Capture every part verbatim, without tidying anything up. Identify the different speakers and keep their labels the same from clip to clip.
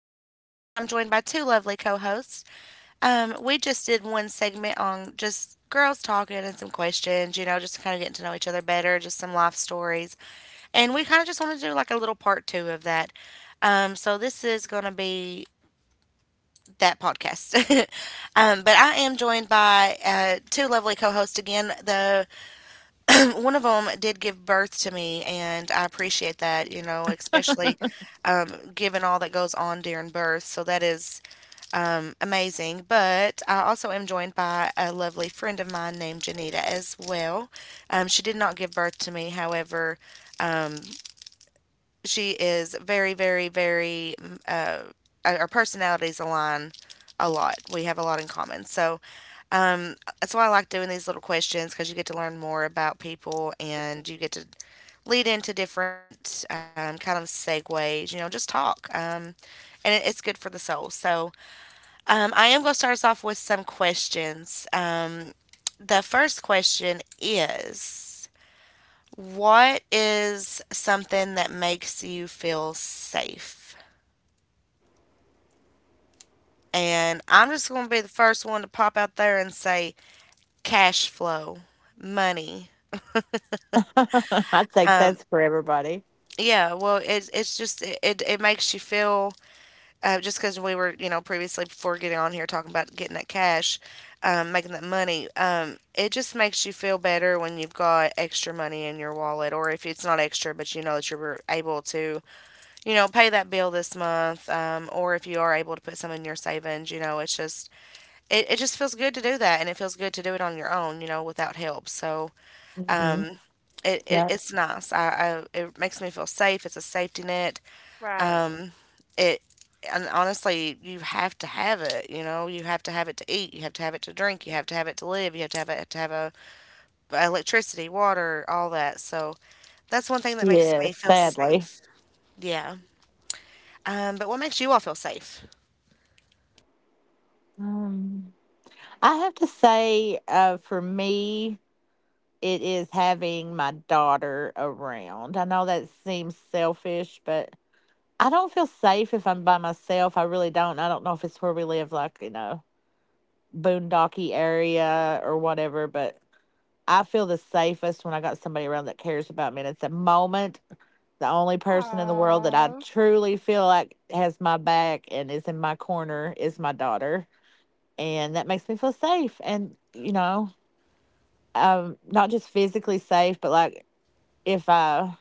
Speaker 1: Angel, and I'm joined by two lovely co hosts. Um, we just did one segment on just girls talking and some questions, you know, just kind of getting to know each other better, just some life stories. And we kind of just want to do like a little part two of that. Um, so this is going to be that podcast. um, but I am joined by uh, two lovely co hosts again. The one of them did give birth to me, and I appreciate that, you know, especially um, given all that goes on during birth. So that is um, amazing. But I also am joined by a lovely friend of mine named Janita as well. Um, she did not give birth to me, however, um, she is very, very, very, mm, uh, our our personalities align a lot. We have a lot in common. So um, that's why I like doing these little questions because you get to learn more about people and you get to lead into different um, kind of segues, you know, just talk. Um, and it, it's good for the soul. So um, I am going to start us off with some questions. Um, the first question is: what is something that makes you feel safe? And I'm just going to be the first one to pop out there and say cash flow, money.
Speaker 2: I think
Speaker 1: Um,
Speaker 2: that's for everybody.
Speaker 1: yeah, well, it, it's just, it, it, it makes you feel uh, just because we were, you know, previously before getting on here talking about getting that cash, um, making that money, um, it just makes you feel better when you've got extra money in your wallet, or if it's not extra, but you know that you're able to, you know, pay that bill this month, um, or if you are able to put some in your savings, you know, it's just, it, it just feels good to do that, and it feels good to do it on your own, you know, without help. So
Speaker 2: Hmm.
Speaker 1: um, it, it
Speaker 2: Yeah.
Speaker 1: it's nice. I, I it makes me feel safe. It's a safety net,
Speaker 3: Right.
Speaker 1: it and honestly you have to have it, you know, you have to have it to eat, you have to have it to drink, you have to have it to live, you have to have it to have a electricity, water, all that. So that's one thing that makes me
Speaker 2: Yes,
Speaker 1: feel
Speaker 2: sadly.
Speaker 1: safe. Yeah. um but what makes you all feel safe?
Speaker 2: Um, I have to say, uh, for me, it is having my daughter around. I know that seems selfish, but I don't feel safe if I'm by myself. I really don't. I don't know if it's where we live, like, you know, boondocky area or whatever, but I feel the safest when I got somebody around that cares about me. And it's a moment The only person in the world that I
Speaker 3: Oh,
Speaker 2: truly feel like has my back and is in my corner is my daughter. And that makes me feel safe. And, you know, um, not just physically safe, but like if I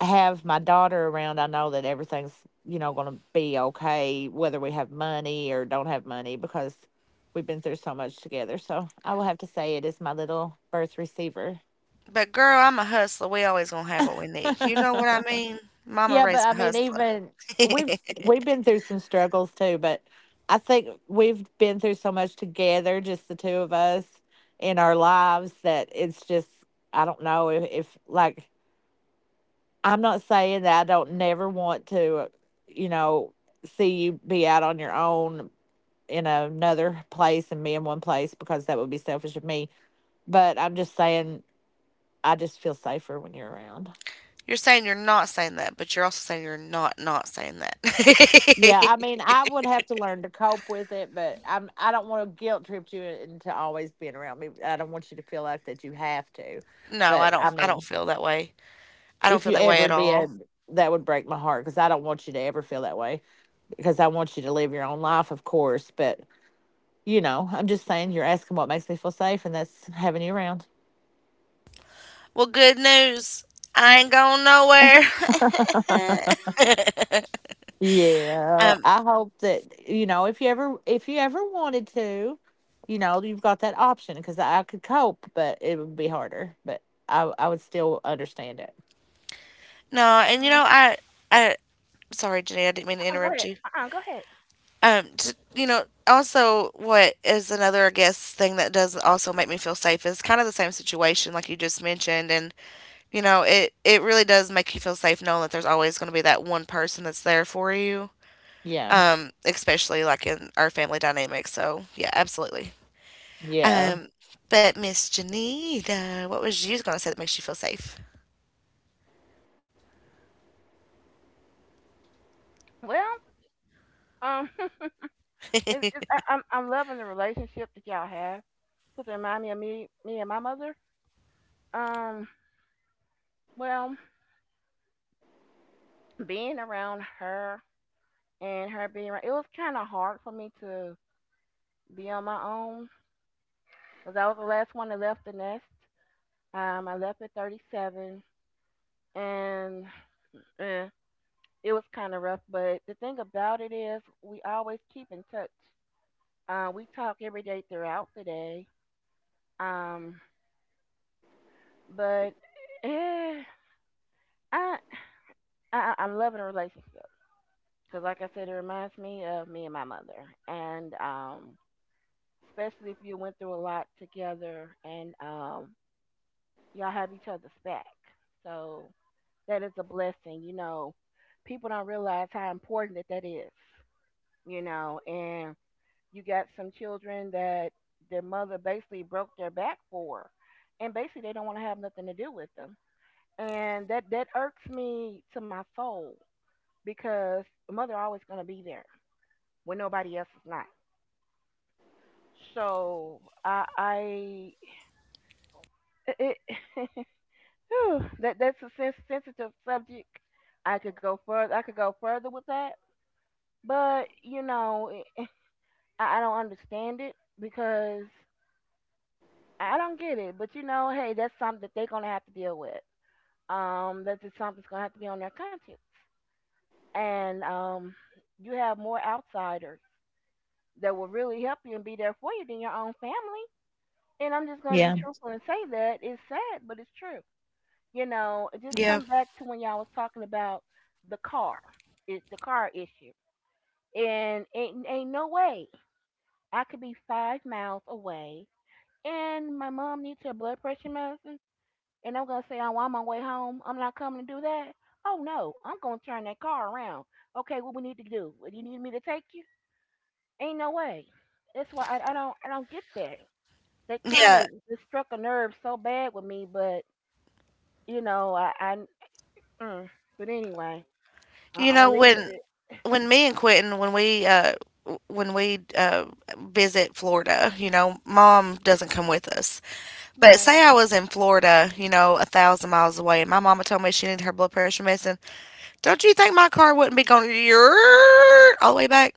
Speaker 2: have my daughter around, I know that everything's, you know, going to be okay, whether we have money or don't have money, because we've been through so much together. So I will have to say it is my little birth receiver.
Speaker 1: But girl, I'm a hustler, we always gonna have what we need, you know what I mean? Mama
Speaker 2: Yeah, but
Speaker 1: raised
Speaker 2: I
Speaker 1: a
Speaker 2: mean,
Speaker 1: hustler.
Speaker 2: even we've we've been through some struggles too, but I think we've been through so much together, just the two of us in our lives, that it's just I don't know if, if like I'm not saying that I don't never want to, you know, see you be out on your own in another place and me in one place because that would be selfish of me. But I'm just saying I just feel safer when you're around.
Speaker 1: You're saying you're not saying that, but you're also saying you're not not saying that.
Speaker 2: Yeah, I mean, I would have to learn to cope with it, but I'm I don't want to guilt trip you into always being around me. I don't want you to feel like that you have to.
Speaker 1: No, i
Speaker 2: But I
Speaker 1: don't i don't
Speaker 2: mean,
Speaker 1: feel that way. I don't
Speaker 2: if
Speaker 1: feel
Speaker 2: you
Speaker 1: that way
Speaker 2: ever
Speaker 1: at all.
Speaker 2: did, that would break my heart because I don't want you to ever feel that way because I want you to live your own life, of course, but you know, I'm just saying you're asking what makes me feel safe and that's having you around.
Speaker 1: Well, good news. I ain't going nowhere.
Speaker 2: Yeah,
Speaker 1: um,
Speaker 2: I hope that you know if you ever if you ever wanted to, you know you've got that option because I could cope, but it would be harder. But I I would still understand it.
Speaker 1: no, and you know,
Speaker 3: uh,
Speaker 1: I, I, sorry, Jenny, I didn't mean to
Speaker 3: go
Speaker 1: interrupt
Speaker 3: ahead.
Speaker 1: you.
Speaker 3: Uh, uh, go ahead.
Speaker 1: Um, t- you know, also, what is another, I guess, thing that does also make me feel safe is kind of the same situation, like you just mentioned, and you know, it it really does make you feel safe knowing that there's always going to be that one person that's there for you.
Speaker 2: Yeah,
Speaker 1: Um, especially like in our family dynamic. So yeah, absolutely.
Speaker 2: yeah,
Speaker 1: Um, but Miss Janita, what was you gonna say that makes you feel safe?
Speaker 3: Well, um, it, it, I, I'm I'm loving the relationship that y'all have. Cause it remind me of me, me and my mother. Um, well, being around her and her being around, it was kind of hard for me to be on my own. Cause I was the last one that left the nest. Um, I left at thirty-seven, and eh, it was kind of rough. But the thing about it is, we always keep in touch. Uh, we talk every day throughout the day. Um, but eh, I, I I'm loving a relationship because, like I said, it reminds me of me and my mother, and um, especially if you went through a lot together and um, y'all have each other's back. So that is a blessing. You know, people don't realize how important that that is. You know, and you got some children that their mother basically broke their back for, and basically they don't want to have nothing to do with them. And that that irks me to my soul because the mother always going to be there when nobody else is not. So I, I it, whew, that that's a sens- sensitive subject. I could go further. I could go further with that, but you know, I, I don't understand it because I don't get it, but you know, hey, that's something that they're gonna have to deal with. Um, that's just something that's gonna have to be on their conscience. And um, you have more outsiders that will really help you and be there for you than your own family. And I'm just gonna be
Speaker 2: yeah.
Speaker 3: truthful and say that it's sad, but it's true. You know, it just
Speaker 1: Yeah,
Speaker 3: come back to when y'all was talking about the car, it's the car issue. And ain't, ain't no way I could be five miles away and my mom needs her blood pressure medicine and I'm gonna say, "Oh, I'm on my way home. I'm not coming to do that." Oh no, I'm gonna turn that car around. Okay, what we need to do? What, you need me to take you? Ain't no way. That's why I, I don't I don't get that. That kind of
Speaker 1: yeah.
Speaker 3: it struck a nerve so bad with me, but you know I, I mm, but anyway I,
Speaker 1: You
Speaker 3: I'm gonna
Speaker 1: know,
Speaker 3: leave it.
Speaker 1: when
Speaker 3: At-
Speaker 1: when me and Quentin, when we uh w- when we uh visit Florida, you know, mom doesn't come with us. But
Speaker 3: Right.
Speaker 1: say I was in Florida, you know, a thousand miles away, and my mama told me she needed her blood pressure medicine. Don't you think my car wouldn't be going all the way back?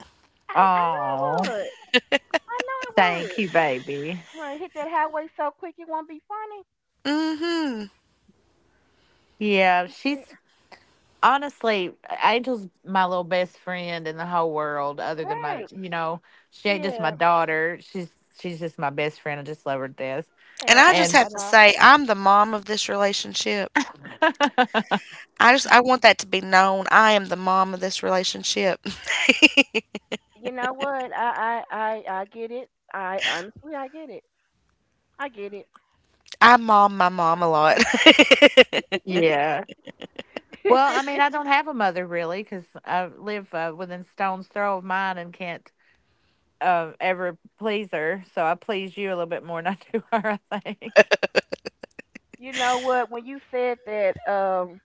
Speaker 3: I I know
Speaker 2: Oh,
Speaker 3: it would. I know it
Speaker 2: thank you,
Speaker 3: would.
Speaker 2: baby.
Speaker 3: I'm gonna hit that highway so quick it won't be funny.
Speaker 1: Mm-hmm.
Speaker 2: Yeah, she's honestly Angel's my little best friend in the whole world, other than my
Speaker 3: Right.
Speaker 2: you know she ain't just my
Speaker 3: Yeah.
Speaker 2: daughter. She's she's just my best friend. I just love her to death.
Speaker 1: And
Speaker 3: Yeah.
Speaker 1: I just
Speaker 2: And
Speaker 3: I,
Speaker 1: have
Speaker 3: I
Speaker 1: to
Speaker 3: know.
Speaker 1: say, I'm the mom of this relationship. I just I want that to be known. I am the mom of this relationship.
Speaker 3: You know what? I I I, I get it. I honestly I get it. I get it.
Speaker 1: I mom my mom a lot.
Speaker 2: yeah. Well, I mean, I don't have a mother really because I live uh, within stone's throw of mine and can't uh, ever please her. So I please you a little bit more than I do her, I think.
Speaker 3: You know what? When you said that, um,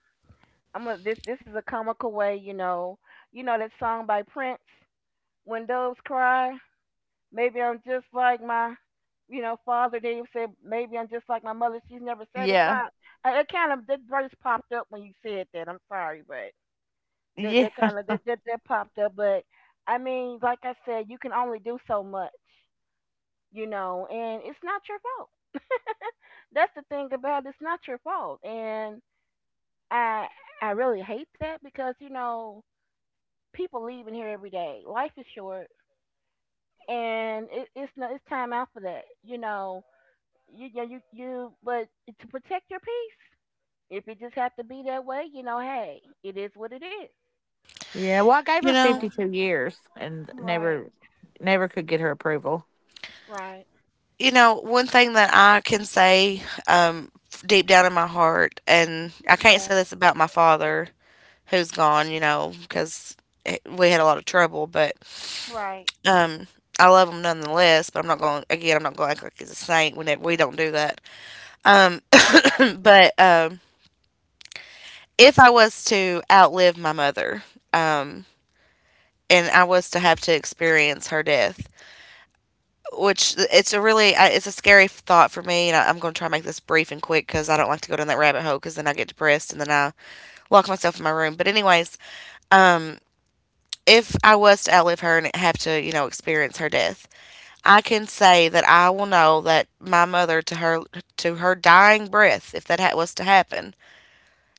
Speaker 3: I'm a, this this is a comical way. You know, you know that song by Prince, "When Doves Cry." Maybe I'm just like my, you know, father. Then he said, maybe I'm just like my mother. She's never
Speaker 2: Yeah.
Speaker 3: satisfied. Uh, It kind of that verse popped up when you said that. I'm sorry, but that that
Speaker 2: Yeah.
Speaker 3: kind of that, that that popped up. But I mean, like I said, you can only do so much you know, and it's not your fault. That's the thing about it, it's not your fault. And I I really hate that because, you know, people leave in here every day. Life is short and it, it's no it's time out for that. You know, you you you, you but to protect your peace. If it just have to be that way, you know, hey, it is what it is.
Speaker 2: Yeah. Well, I gave
Speaker 1: You
Speaker 2: her
Speaker 1: know,
Speaker 3: Yeah.
Speaker 2: fifty-two years and
Speaker 3: Right.
Speaker 2: never, never could get her approval.
Speaker 3: Right.
Speaker 1: you know, one thing that I can say, um deep down in my heart, and I can't say
Speaker 3: Yeah.
Speaker 1: this about my father who's gone, you know, cuz we had a lot of trouble, but
Speaker 3: Right.
Speaker 1: um I love him nonetheless. But I'm not going, again, I'm not going to act like he's a saint when it, we don't do that. Um but um if I was to outlive my mother, um. and I was to have to experience her death. Which it's a really I- it's a scary thought for me, and I, I'm going to try to make this brief and quick because I don't like to go down that rabbit hole because then I get depressed and then I lock myself in my room. But anyways, um, if I was to outlive her and have to, you know, experience her death, I can say that I will know that my mother, to her, to her dying breath, if that ha- was to happen,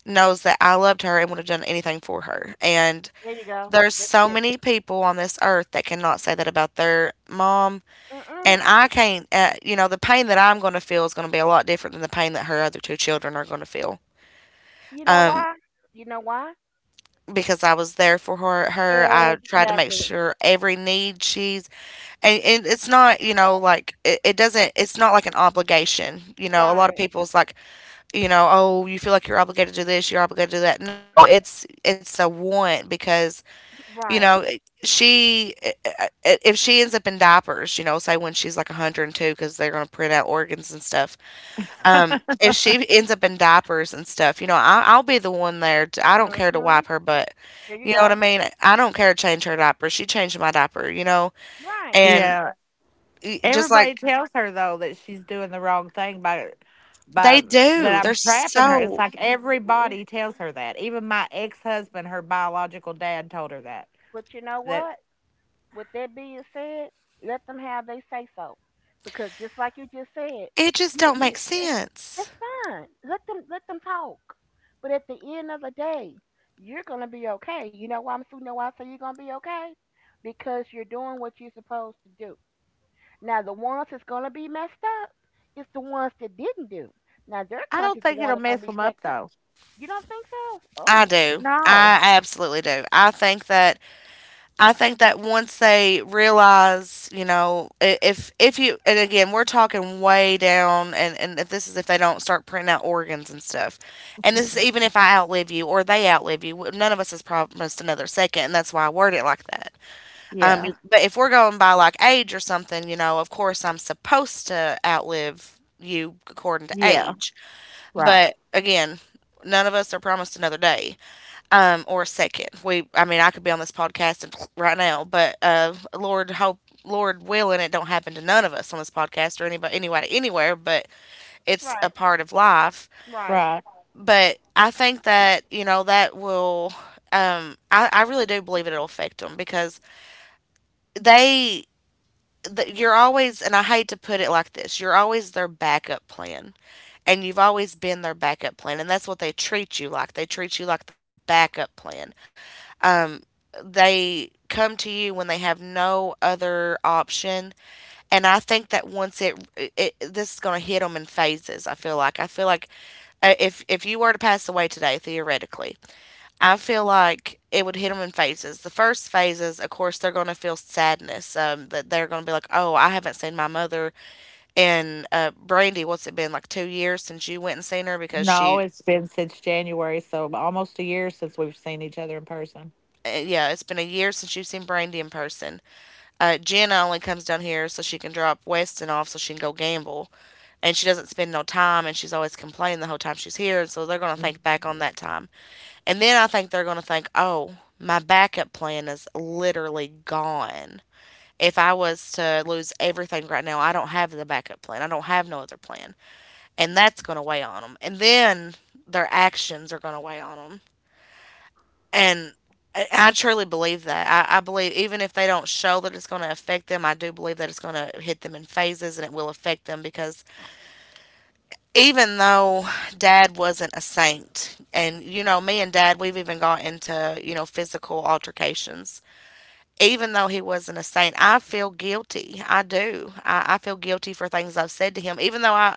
Speaker 1: knows that I loved her and would have done anything for her. And
Speaker 3: There you go.
Speaker 1: there's
Speaker 3: That's
Speaker 1: so
Speaker 3: it.
Speaker 1: many people on this earth that cannot say that about their mom,
Speaker 3: Mm-mm.
Speaker 1: and I can't, uh, you know, the pain that I'm going to feel is going to be a lot different than the pain that her other two children are going to feel.
Speaker 3: You know
Speaker 1: Um,
Speaker 3: why? You know why?
Speaker 1: because I was there for her, her, I tried to make
Speaker 3: Exactly.
Speaker 1: sure every need she's, and, and it's not, you know, like it, it doesn't, it's not like an obligation. You know, a lot of
Speaker 3: Right.
Speaker 1: people's like, you know, oh, you feel like you're obligated to do this, you're obligated to do that. No, it's, it's a want because, you know,
Speaker 3: Right.
Speaker 1: it- she, i- i- if she ends up in diapers, you know, say when she's like one hundred two, because they're going to print out organs and stuff. Um, if she ends up in diapers and stuff, you know, I, I'll be the one there. To, I don't care to
Speaker 3: Mhm.
Speaker 1: wipe her butt.
Speaker 3: There you
Speaker 1: You know what
Speaker 3: go.
Speaker 1: I mean? I don't care to change her diaper. She changed my diaper, you know?
Speaker 3: Right.
Speaker 1: And
Speaker 2: yeah.
Speaker 1: y- just
Speaker 2: Everybody
Speaker 1: like
Speaker 2: tells her though that she's doing the wrong thing by,
Speaker 1: they
Speaker 2: by
Speaker 1: do,
Speaker 2: that I'm
Speaker 1: they're
Speaker 2: trapping her. It's
Speaker 1: so,
Speaker 2: like
Speaker 3: Y- y-
Speaker 2: everybody tells her that. Even my ex husband, her biological dad, told her that.
Speaker 3: But you know
Speaker 2: That
Speaker 3: what? With that being said, let them have they say so, because just like you just said,
Speaker 1: it just
Speaker 3: you
Speaker 1: don't make
Speaker 3: it,
Speaker 1: sense.
Speaker 3: it's fine. Let them let them talk. But at the end of the day, you're gonna be okay. You know why I'm you know why I say you're gonna be okay? Because you're doing what you're supposed to do. Now the ones that's gonna be messed up is the ones that didn't do. Now their
Speaker 2: I don't
Speaker 3: country's the
Speaker 2: think it'll
Speaker 3: one that's gonna
Speaker 2: mess
Speaker 3: be
Speaker 2: them up
Speaker 3: jacked up.
Speaker 2: though.
Speaker 3: You don't think so?
Speaker 1: I
Speaker 3: Oh
Speaker 1: do.
Speaker 2: No.
Speaker 1: I absolutely do. I think that I think that once they realize, you know, i- if if you, and again we're talking way down, and and if this is if they don't start printing out organs and stuff, and this is even if I outlive you or they outlive you, w- none of us has promised another second, and that's why I word it like that. Um,
Speaker 2: Yeah.
Speaker 1: you, but if we're going by like age or something, you know, of course I'm supposed to outlive you according to
Speaker 2: Yeah.
Speaker 1: age,
Speaker 2: Right.
Speaker 1: but again, none of us are promised another day, um, or second. We, I mean, I could be on this podcast and right now, but uh, Lord hope, Lord willing, it don't happen to none of us on this podcast or anybody, anybody, anywhere. But it's a
Speaker 3: right,
Speaker 1: part of life.
Speaker 3: right,
Speaker 2: Right.
Speaker 1: But I think that, you know, that will. Um, I, I really do believe it'll affect them because they, th you're always, and I hate to put it like this, you're always their backup plan, and you've always been their backup plan, and that's what they treat you like, they treat you like their backup plan. They come to you when they have no other option. And I think that once it, it, this is going to hit them in phases. i feel like I feel like, uh, if if you were to pass away today, theoretically, I feel like it would hit them in phases. The first phases, of course, they're going to feel sadness, um, that they're going to be like, oh, I haven't seen my mother. And uh, Brandy, what's it been, like two years since you went and seen her? Because
Speaker 2: No,
Speaker 1: she,
Speaker 2: it's been since January, so almost a year since we've seen each other in person.
Speaker 1: uh, yeah, it's been a year since you've seen Brandy in person. Uh, Jen only comes down here so she can drop Weston off so she can go gamble. And she doesn't spend no time and she's always complaining the whole time she's here. And so they're going to think
Speaker 2: Mhm.
Speaker 1: back on that time. And then I think they're going to think, oh, my backup plan is literally gone. If I was to lose everything right now, I don't have the backup plan. I don't have no other plan. And that's going to weigh on them. And then their actions are going to weigh on them, and I I truly believe that. I, I believe even if they don't show that it's going to affect them, I do believe that it's going to hit them in phases, and it will affect them because even though Dad wasn't a saint, and you know, me and Dad, we've even got into, you know, physical altercations, even though he wasn't a saint, I feel guilty. I do. I, I feel guilty for things I've said to him, even though I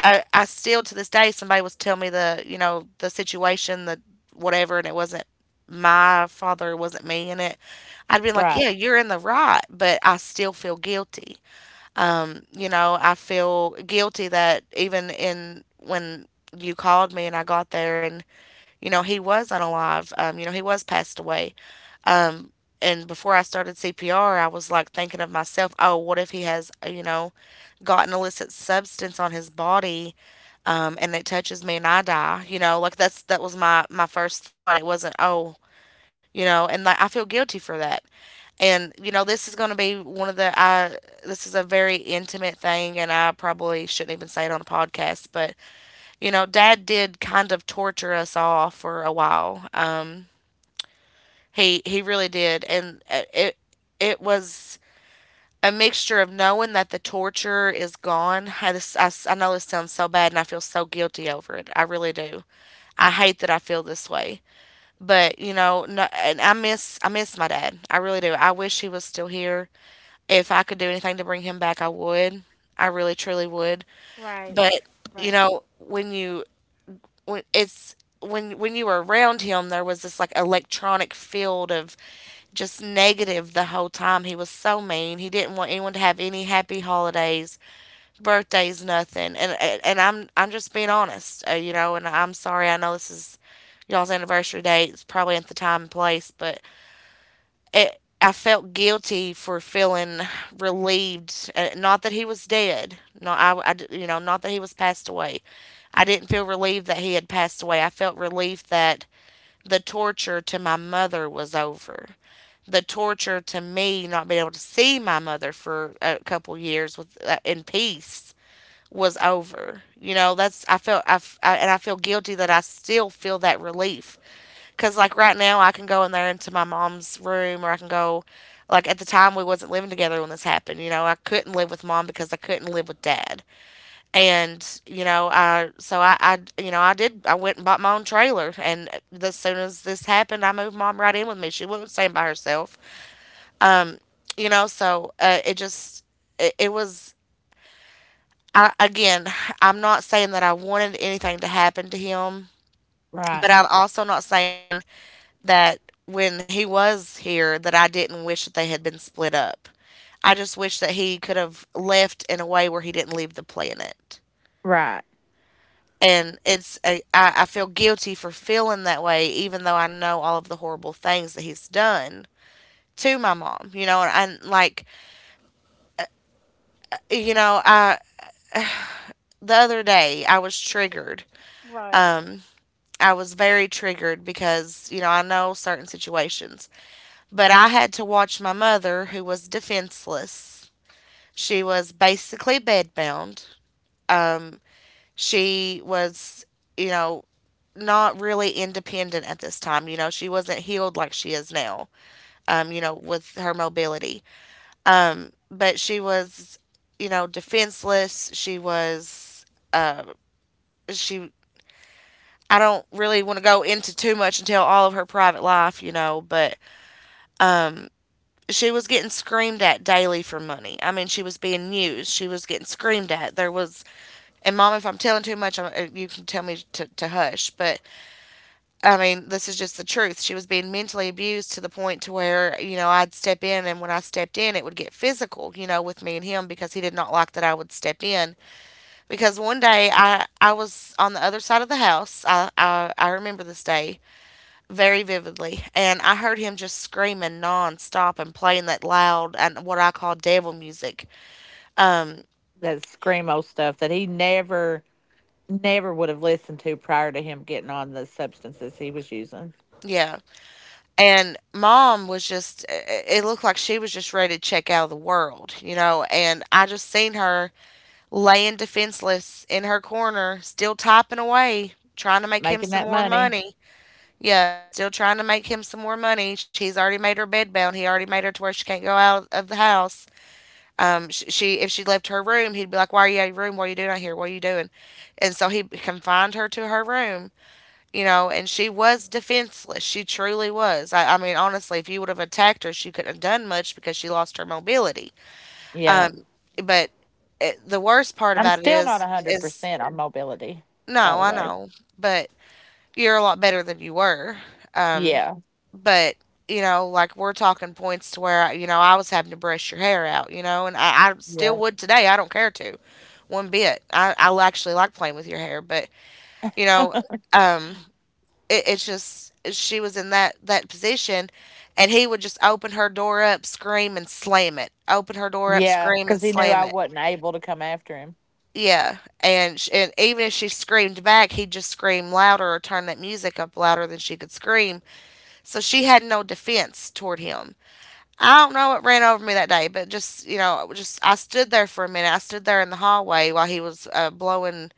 Speaker 1: I, I still to this day, somebody was telling me the you know the situation, the whatever, and it wasn't my father, it wasn't me in it. I'd been like,
Speaker 2: Right.
Speaker 1: yeah, you're in the right, but I still feel guilty. um you know I feel guilty that even in when you called me and I got there, and you know he was unalive. Um you know he was passed away. um and before I started CPR, I was like, thinking of myself, oh, what if he has, uh, you know got an illicit substance on his body um, and it touches me and I die. You know, like, that's that was my my first thought. It wasn't, oh, you know, and like, I feel guilty for that. And, you know, this is going to be one of the I this is a very intimate thing, and I probably shouldn't even say it on a podcast. But, you know, Dad did kind of torture us all for a while. Um, he he really did, and uh, it it was a mixture of knowing that the torture is gone. I, this, I, s- I know this sounds so bad, and I feel so guilty over it. I really do. I hate that I feel this way. But, you know, no, and I miss I miss my dad. I really do. I wish he was still here. If I could do anything to bring him back, I would. I really truly would.
Speaker 3: right,
Speaker 1: But, you
Speaker 3: right,
Speaker 1: know, when you when it's when when you were around him, there was this like electronic field of just negative. The whole time, he was so mean. He didn't want anyone to have any happy holidays, birthdays, nothing. And and i'm i'm just being honest. Uh, you know and I'm sorry, I know this is y'all's anniversary date, it's probably at the time and place, but it, I felt guilty for feeling relieved. Uh, Not that he was dead. No, I, I d- you know, not that he was passed away. I didn't feel relieved that he had passed away. I felt relief that the torture to my mother was over. The torture to me not being able to see my mother for a couple years with, uh, in peace, was over. You know, that's I felt I, f- I- and I feel guilty that I still feel that relief because, like, right now I can go in there into my mom's room, or I can go — like, at the time we wasn't living together when this happened. You know, I couldn't live with mom because I couldn't live with dad. And, you know, I, so I, I, you know, I did, I went and bought my own trailer. And as soon as this happened, I moved mom right in with me. She wasn't staying by herself, you know, so, uh, it just, it, it was, I, again, I'm not saying that I wanted anything to happen to him, but
Speaker 2: Right.
Speaker 1: I'm also not saying that when he was here that I didn't wish that they had been split up. I just wish that he could have left in a way where he didn't leave the planet.
Speaker 2: Right.
Speaker 1: And it's a — I, I feel guilty for feeling that way, even though I know all of the horrible things that he's done to my mom. You know, and, and like, you know, I the other day I was triggered.
Speaker 3: right.
Speaker 1: I was very triggered, because, you know, I know certain situations, but I had to watch my mother, who was defenseless. She was basically bedbound. Um, She was, you know, not really independent at this time. You know, she wasn't healed like she is now, um, you know, with her mobility. But she was, you know, defenseless. She was, she, I don't really want to go into too much and tell all of her private life, you know, but she was getting screamed at daily for money. I mean, she was being used. She was getting screamed at. There was, and mom, if I'm telling too much, I'm, uh, you can tell me to, to hush. But I mean, this is just the truth. She was being mentally abused to the point to where, you know I'd step in, and when I stepped in, it would get physical. You know, with me and him, because he did not like that I would step in. Because one day I I was on the other side of the house. I I, I remember this day very vividly, and I heard him just screaming nonstop and playing that loud and what I call devil music.
Speaker 2: That screamo stuff that he never, never would have listened to prior to him getting on the substances he was using,
Speaker 1: Yeah, and mom was just — it looked like she was just ready to check out of the world, you know, and I just seen her laying defenseless in her corner, still typing away, trying to make him
Speaker 2: making
Speaker 1: some
Speaker 2: that
Speaker 1: more
Speaker 2: money.
Speaker 1: money. Yeah, still trying to make him some more money. She's already made her bed bound. He already made her to where she can't go out of the house. Um, sh- she, if she left her room, he'd be like, "Why are you out of your room? What are you doing out here? What are you doing?" And so he confined her to her room, you know. And she was defenseless. She truly was. I, I mean, honestly, if you would have attacked her, she couldn't have done much, because she lost her mobility.
Speaker 2: Yeah.
Speaker 1: But it, the worst part
Speaker 2: I'm
Speaker 1: about it
Speaker 2: still not
Speaker 1: is is
Speaker 2: one hundred percent on mobility, by
Speaker 1: no,
Speaker 2: the
Speaker 1: I
Speaker 2: way.
Speaker 1: know, but you're a lot better than you were. Um,
Speaker 2: Yeah.
Speaker 1: but, you know, like, we're talking points to where, you know I was having to brush your hair out, you know, and I, I still
Speaker 2: Yeah.
Speaker 1: would today. I don't care to, one bit. I I actually like playing with your hair, but, you know, um, it, it's just, she was in that that position, and he would just open her door up, scream and slam it. Open her door up,
Speaker 2: Yeah.
Speaker 1: scream
Speaker 2: Because
Speaker 1: and
Speaker 2: he knew
Speaker 1: slam
Speaker 2: I
Speaker 1: it.
Speaker 2: wasn't able to come after him.
Speaker 1: Yeah, and sh- and even if she screamed back, he'd just scream louder or turn that music up louder than she could scream. So she had no defense toward him. I don't know what ran over me that day, but just, you know, just I stood there for a minute. I stood there in the hallway while he was, uh, blowing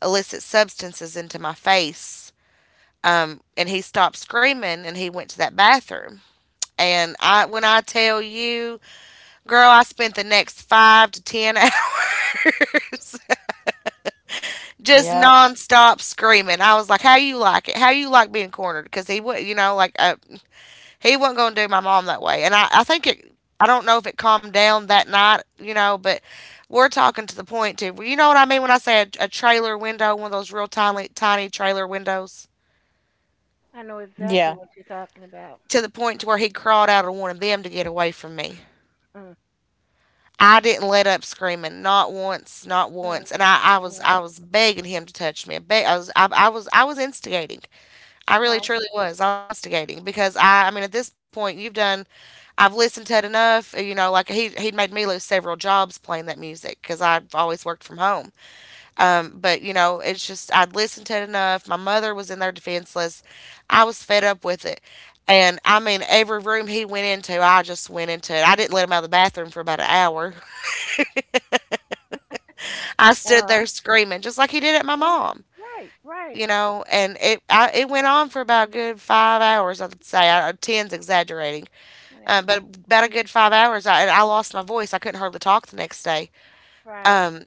Speaker 1: illicit substances into my face. Um, and he stopped screaming and he went to that bathroom. And I, when I tell you, girl, I spent the next five to ten hours just
Speaker 2: Yeah.
Speaker 1: nonstop screaming. I was like, how you like it? How you like being cornered? Because he would, you know, like, uh, he wasn't going to do my mom that way. And I, I think it, I don't know if it calmed down that night, you know, but we're talking to the point to, well, you know what I mean, when I say a, a trailer window, one of those real tiny, tiny trailer windows,
Speaker 3: I know exactly
Speaker 2: Yeah.
Speaker 3: what you're talking about.
Speaker 1: to the point to where he crawled out of one of them to get away from me.
Speaker 3: Mm,
Speaker 1: I didn't let up screaming, not once, not
Speaker 3: mm,
Speaker 1: once, and I, I was
Speaker 3: mm,
Speaker 1: I was begging him to touch me. I, beg, I was I, I was I was instigating. I really
Speaker 3: right,
Speaker 1: truly was. I was instigating, because I I mean, at this point, you've done — I've listened to it enough, you know, like, he he'd made me lose several jobs playing that music, cuz I've always worked from home. Um but, you know, it's just, I'd listened to it enough. My mother was in there defenseless. I was fed up with it. And I mean, every room he went into, I just went into it. I didn't let him out of the bathroom for about an hour. I
Speaker 3: uh,
Speaker 1: stood
Speaker 3: uh,
Speaker 1: there screaming just like he did at my mom.
Speaker 3: right, right,
Speaker 1: You know, and it I, it went on for about a good five hours. I'd say — I, uh, ten's exaggerating,
Speaker 3: yeah,
Speaker 1: uh, but about a good five hours. I and I lost my voice. I couldn't hardly talk the next day.
Speaker 3: right,
Speaker 1: Um,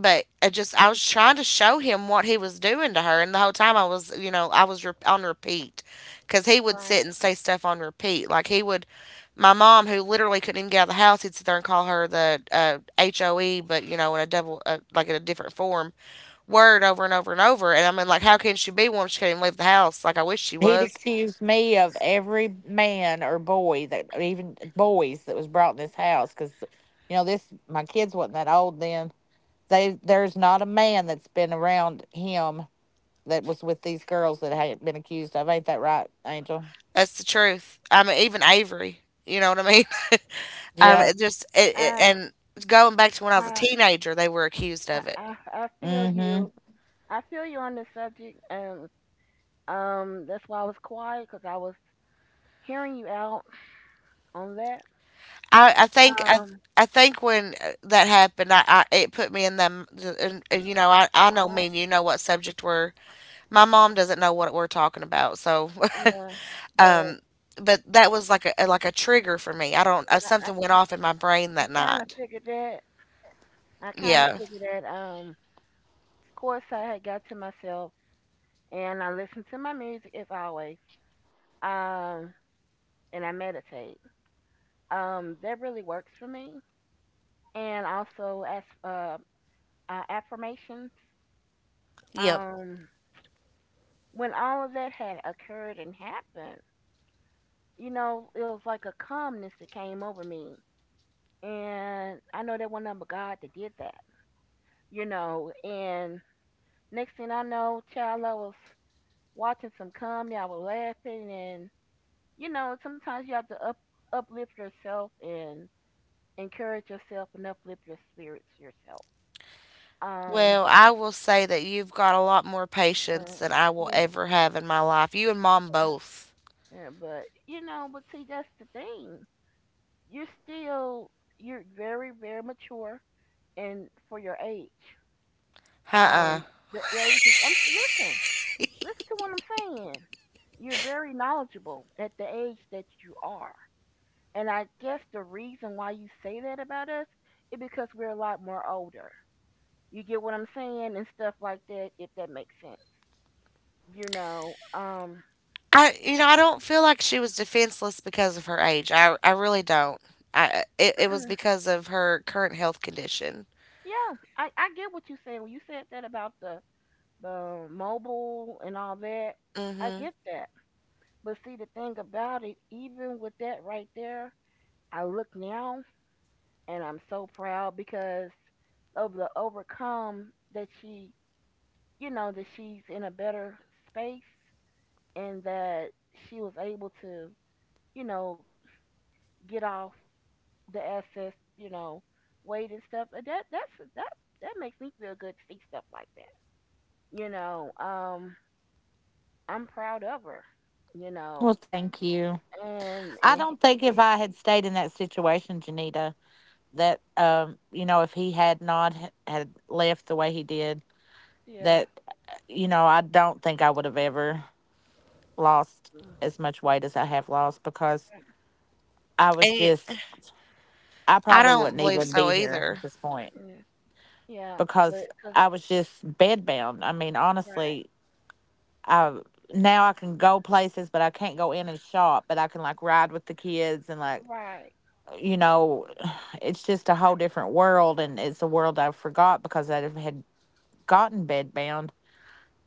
Speaker 1: but I just I was trying to show him what he was doing to her, and the whole time I was, you know, I was re- on repeat, because he would
Speaker 3: right.
Speaker 1: sit and say stuff on repeat. Like, he would — my mom, who literally couldn't even get out of the house, he'd sit there and call her the, uh, HOE, but you know, in a double, uh, like, in a different form word, over and over and over. And I mean, like, how can she be one if she couldn't even leave the house? Like, I wish she
Speaker 2: He'd
Speaker 1: was.
Speaker 2: accuse me of every man or boy that even boys that was brought in this house because you know this my kids wasn't that old then. They there's not a man that's been around him that was with these girls that had not been accused of. Ain't that right, Angel?
Speaker 1: That's the truth. I mean, even Avery. You know what I mean? Um,
Speaker 2: Yeah.
Speaker 1: it just it, it,
Speaker 3: I,
Speaker 1: and going back to when I was a
Speaker 3: I,
Speaker 1: teenager, they were accused
Speaker 3: I,
Speaker 1: of it.
Speaker 3: I I feel
Speaker 2: Mm-hmm.
Speaker 3: you. I feel you on this subject, and um, that's why I was quiet because I was hearing you out on that.
Speaker 1: I, I think I,
Speaker 3: Um,
Speaker 1: I think when uh, that happened, I, I it put me in them. And, and, you know, I, I know
Speaker 3: uh,
Speaker 1: me. And You know what subject we're. My mom doesn't know what we're talking about. So,
Speaker 3: yeah, but I,
Speaker 1: um, but that was like a like a trigger for me. I don't. Uh,
Speaker 3: I,
Speaker 1: something went off in my brain
Speaker 3: I
Speaker 1: that
Speaker 3: kind of
Speaker 1: night.
Speaker 3: figured that. I kind of
Speaker 1: Yeah.
Speaker 3: figured that. Um, course, I had got to myself and I listened to my music as always. Um, and I meditate. Um, that really works for me. And also as uh, uh, affirmations.
Speaker 1: Yep.
Speaker 3: Um, when all of that had occurred and happened, you know, it was like a calmness that came over me. And I know that one number God that did that, you know. And next thing I know, child, I was watching some comedy. I was laughing and you know, sometimes you have to up uplift yourself and encourage yourself and uplift your spirits yourself. Um,
Speaker 1: Well, I will say that you've got a lot more patience
Speaker 3: Right.
Speaker 1: than I will
Speaker 3: Yeah,
Speaker 1: ever have in my life. You and mom both.
Speaker 3: yeah, but you know, but see, that's the thing. You're still you're very very mature and for your age.
Speaker 1: Uh uh
Speaker 3: Um, the age is, I'm listen, listen to what I'm saying. You're very knowledgeable at the age that you are. And I guess the reason why you say that about us is because we're a lot more older. You get what I'm saying and stuff like that, if that makes sense. You know, um,
Speaker 1: I you know I don't feel like she was defenseless because of her age. I I really don't. I it, it was
Speaker 3: mm-mm.
Speaker 1: because of her current health condition.
Speaker 3: Yeah, I, I get what you said when you said that about the the mobile and all that.
Speaker 1: mm
Speaker 3: I
Speaker 1: Mhm.
Speaker 3: get that, but see the thing about it, even with that right there, I look now and I'm so proud because of the overcome that she, you know, that she's in a better space and that she was able to, you know, get off the excess, you know, weight and stuff. And that that's that that makes me feel good to see stuff like that. You know, um, I'm proud of her. You
Speaker 2: Well,
Speaker 3: know,
Speaker 2: thank you.
Speaker 3: and,
Speaker 2: I
Speaker 3: and
Speaker 2: don't
Speaker 3: it,
Speaker 2: think if
Speaker 3: it,
Speaker 2: I had stayed in that situation, Janita, that um, you know, if he had not h- had left the way he did,
Speaker 3: yeah,
Speaker 2: that you know I don't think I would have ever lost
Speaker 3: mm,
Speaker 2: as much weight as I have lost because I was
Speaker 1: And
Speaker 2: just
Speaker 1: you,
Speaker 2: I
Speaker 1: I
Speaker 2: probably
Speaker 1: don't
Speaker 2: wouldn't
Speaker 1: believe
Speaker 2: even
Speaker 1: so
Speaker 2: be here at
Speaker 1: either.
Speaker 2: this point
Speaker 3: mm, yeah, but
Speaker 2: because
Speaker 3: cause
Speaker 2: I was just bedbound. I mean,
Speaker 3: right,
Speaker 2: honestly, I now I can go places, but I can't go in and shop, but I can like ride with the kids and like
Speaker 3: right,
Speaker 2: you know it's just a whole different world, and it's a world I forgot because I had gotten bedbound.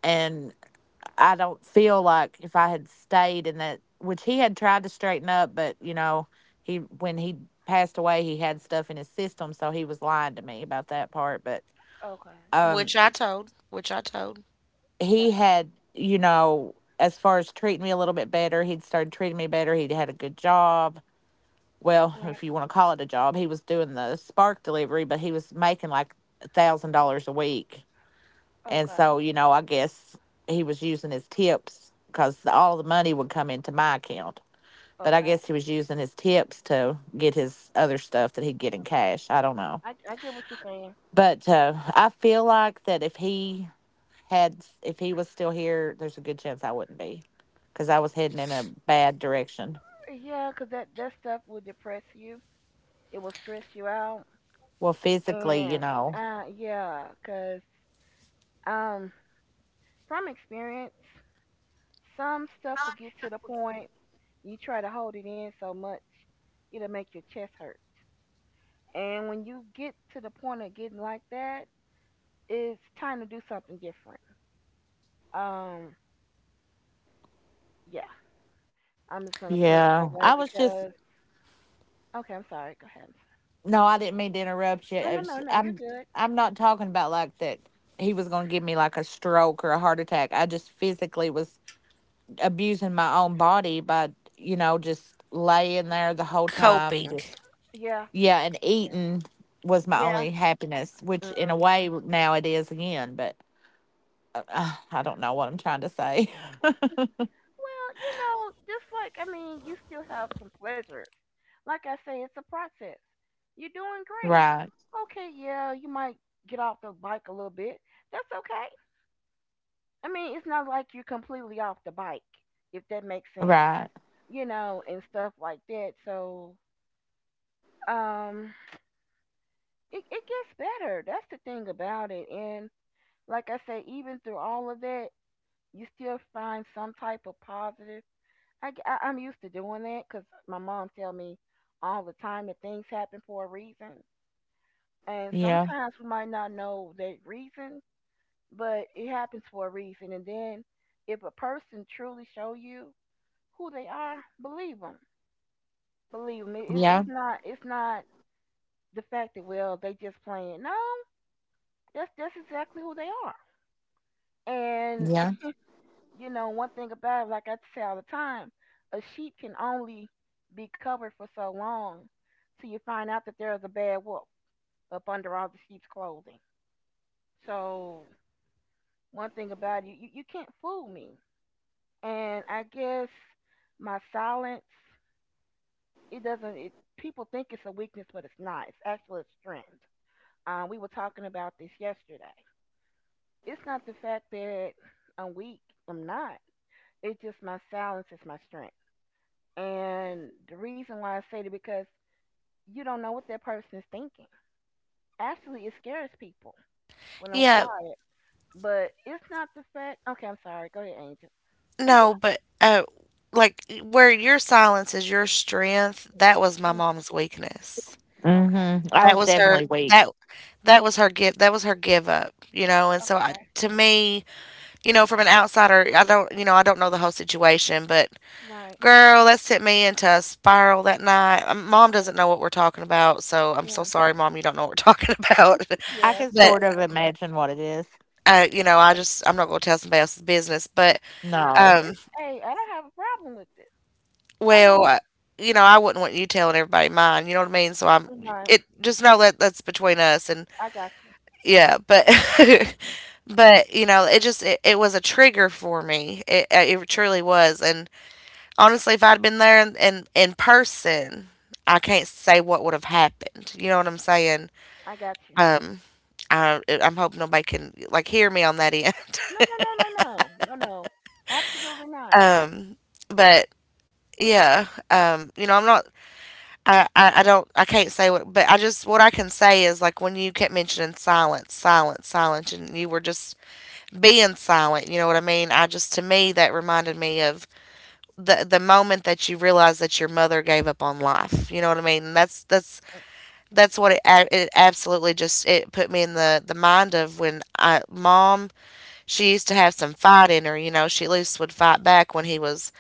Speaker 2: And I don't feel like if I had stayed in that, which he had tried to straighten up, but you know, he when he passed away, he had stuff in his system, so he was lying to me about that part. But
Speaker 3: okay,
Speaker 2: um,
Speaker 1: Which I told. Which I told.
Speaker 2: he
Speaker 3: right,
Speaker 2: had, you know, as far as treating me a little bit better, he'd started treating me better. He'd had a good job. Well,
Speaker 3: right,
Speaker 2: if you want to call it a job, he was doing the spark delivery, but he was making like a thousand dollars a week, and
Speaker 3: okay,
Speaker 2: so you know, I guess he was using his tips because all the money would come into my account. But I
Speaker 3: okay.
Speaker 2: guess he was using his tips to get his other stuff that he'd get in cash. I don't know.
Speaker 3: I I get what you're saying.
Speaker 2: But uh, I feel like that if he had, if he was still here, there's a good chance I wouldn't be because I was heading in a bad direction.
Speaker 3: Yeah, cause that that stuff will depress you. It will stress you out,
Speaker 2: Well, physically, you
Speaker 3: and
Speaker 2: know.
Speaker 3: uh, yeah, cause um, from experience. Some stuff will get to the point you try to hold it in so much, it'll make your chest hurt. And when you get to the point of getting like that, it's time to do something different. Um, yeah, I'm just gonna put it
Speaker 2: Yeah.
Speaker 3: that way
Speaker 2: I was just,
Speaker 3: because okay, I'm sorry. Go ahead.
Speaker 2: no, I didn't mean to interrupt you.
Speaker 3: I'm sorry. No,
Speaker 2: It's-
Speaker 3: no, no, no, you're
Speaker 2: I'm,
Speaker 3: good.
Speaker 2: I'm not talking about like that he was going to give me like a stroke or a heart attack. I just physically was abusing my own body by, you know, just laying there the whole time,
Speaker 1: Coping.
Speaker 2: just,
Speaker 3: Yeah,
Speaker 2: yeah, and
Speaker 3: yeah,
Speaker 2: eating was my
Speaker 3: yeah.
Speaker 2: only happiness, which in
Speaker 3: Mm,
Speaker 2: a way now it is again, but uh, uh, I don't know what I'm trying to say.
Speaker 3: well, you know, just like, I mean, you still have some pleasures. Like I say, it's a process. You're doing great.
Speaker 2: Right,
Speaker 3: Okay, yeah, you might get off the bike a little bit. That's okay. I mean, it's not like you're completely off the bike, if that makes sense,
Speaker 2: right.
Speaker 3: you know, and stuff like that. So, um, it, it gets better. That's the thing about it. And like I say, even through all of that, you still find some type of positive. I, g- I- I'm used to doing that because my mom tell me all the time that things happen for a reason, and
Speaker 2: Yeah,
Speaker 3: sometimes we might not know that reason, but it happens for a reason. And then if a person truly show you who they are, believe them. Believe me, it's it's
Speaker 2: yeah,
Speaker 3: not it's not the fact that well they just playing. No, that's that's exactly who they are.
Speaker 2: yeah.
Speaker 3: You know, one thing about it, like I say all the time, a sheep can only be covered for so long till you find out that there is a bad wolf up under all the sheep's clothing. So, one thing about it, you, you, you can't fool me. And I guess my silence, it doesn't, it, people think it's a weakness, but it's not. It's actually a strength. Um, we were talking about this yesterday. It's not the fact that I'm weak, I'm not. It's just my silence is my strength. And the reason why I say that because you don't know what that person is thinking. Actually, it scares people when I'm
Speaker 1: Yeah.
Speaker 3: quiet, but it's not the fact. Okay, I'm sorry. Go ahead, Angel. But
Speaker 1: No,
Speaker 3: yeah.
Speaker 1: but uh, like where your silence is your strength. That was my mom's weakness.
Speaker 3: Mm. Okay.
Speaker 2: Mm-hmm. I
Speaker 1: That
Speaker 2: was
Speaker 1: was her.
Speaker 2: definitely weak.
Speaker 1: That that was her give. That was her give up. You know. And so I,
Speaker 3: Okay.
Speaker 1: to me, you know, from an outsider, I don't, you know, I don't know the whole situation, but
Speaker 3: Right.
Speaker 1: girl, that sent me into a spiral that night. Um, Mom
Speaker 3: Uh,
Speaker 1: doesn't know what we're talking about, so I'm so
Speaker 3: yeah.
Speaker 1: sorry, Mom, you don't know what we're talking about.
Speaker 2: I
Speaker 3: Yeah.
Speaker 2: can
Speaker 1: but,
Speaker 2: sort of imagine what it is.
Speaker 1: uh, you know,
Speaker 3: Yeah.
Speaker 1: I just, I'm not going to tell somebody else's business. But,
Speaker 3: No, it,
Speaker 2: No,
Speaker 1: um,
Speaker 3: it's hey, I don't have a problem with it. I
Speaker 1: well,
Speaker 3: don't.
Speaker 1: uh, you know, I wouldn't want you telling everybody mine, you know what I mean? So I'm,
Speaker 3: Right.
Speaker 1: it, just know that that's between us. And
Speaker 3: I got you.
Speaker 1: yeah, but, but, you know, it just, it, it was a trigger for me. It, uh, it truly was. And honestly, if I'd been there in, in, in person, I can't say what would have happened. You know what I'm saying?
Speaker 3: I got you.
Speaker 1: Um, I, I'm hoping nobody can like hear me on that end.
Speaker 3: No, no, no, no, no, no, no. Absolutely not.
Speaker 1: um, but yeah, um, you know, I'm not. I, I, I don't I can't say what but I just what I can say is like when you kept mentioning silence, silence, silence and you were just being silent, you know what I mean? I just to me that reminded me of the the moment that you realize that your mother gave up on life. You know what I mean? That's that's
Speaker 3: Right.
Speaker 1: that's what it, a- it absolutely just it put me in the the mind of when I mom she used to have some fight in her, you know. She at least would fight back when he was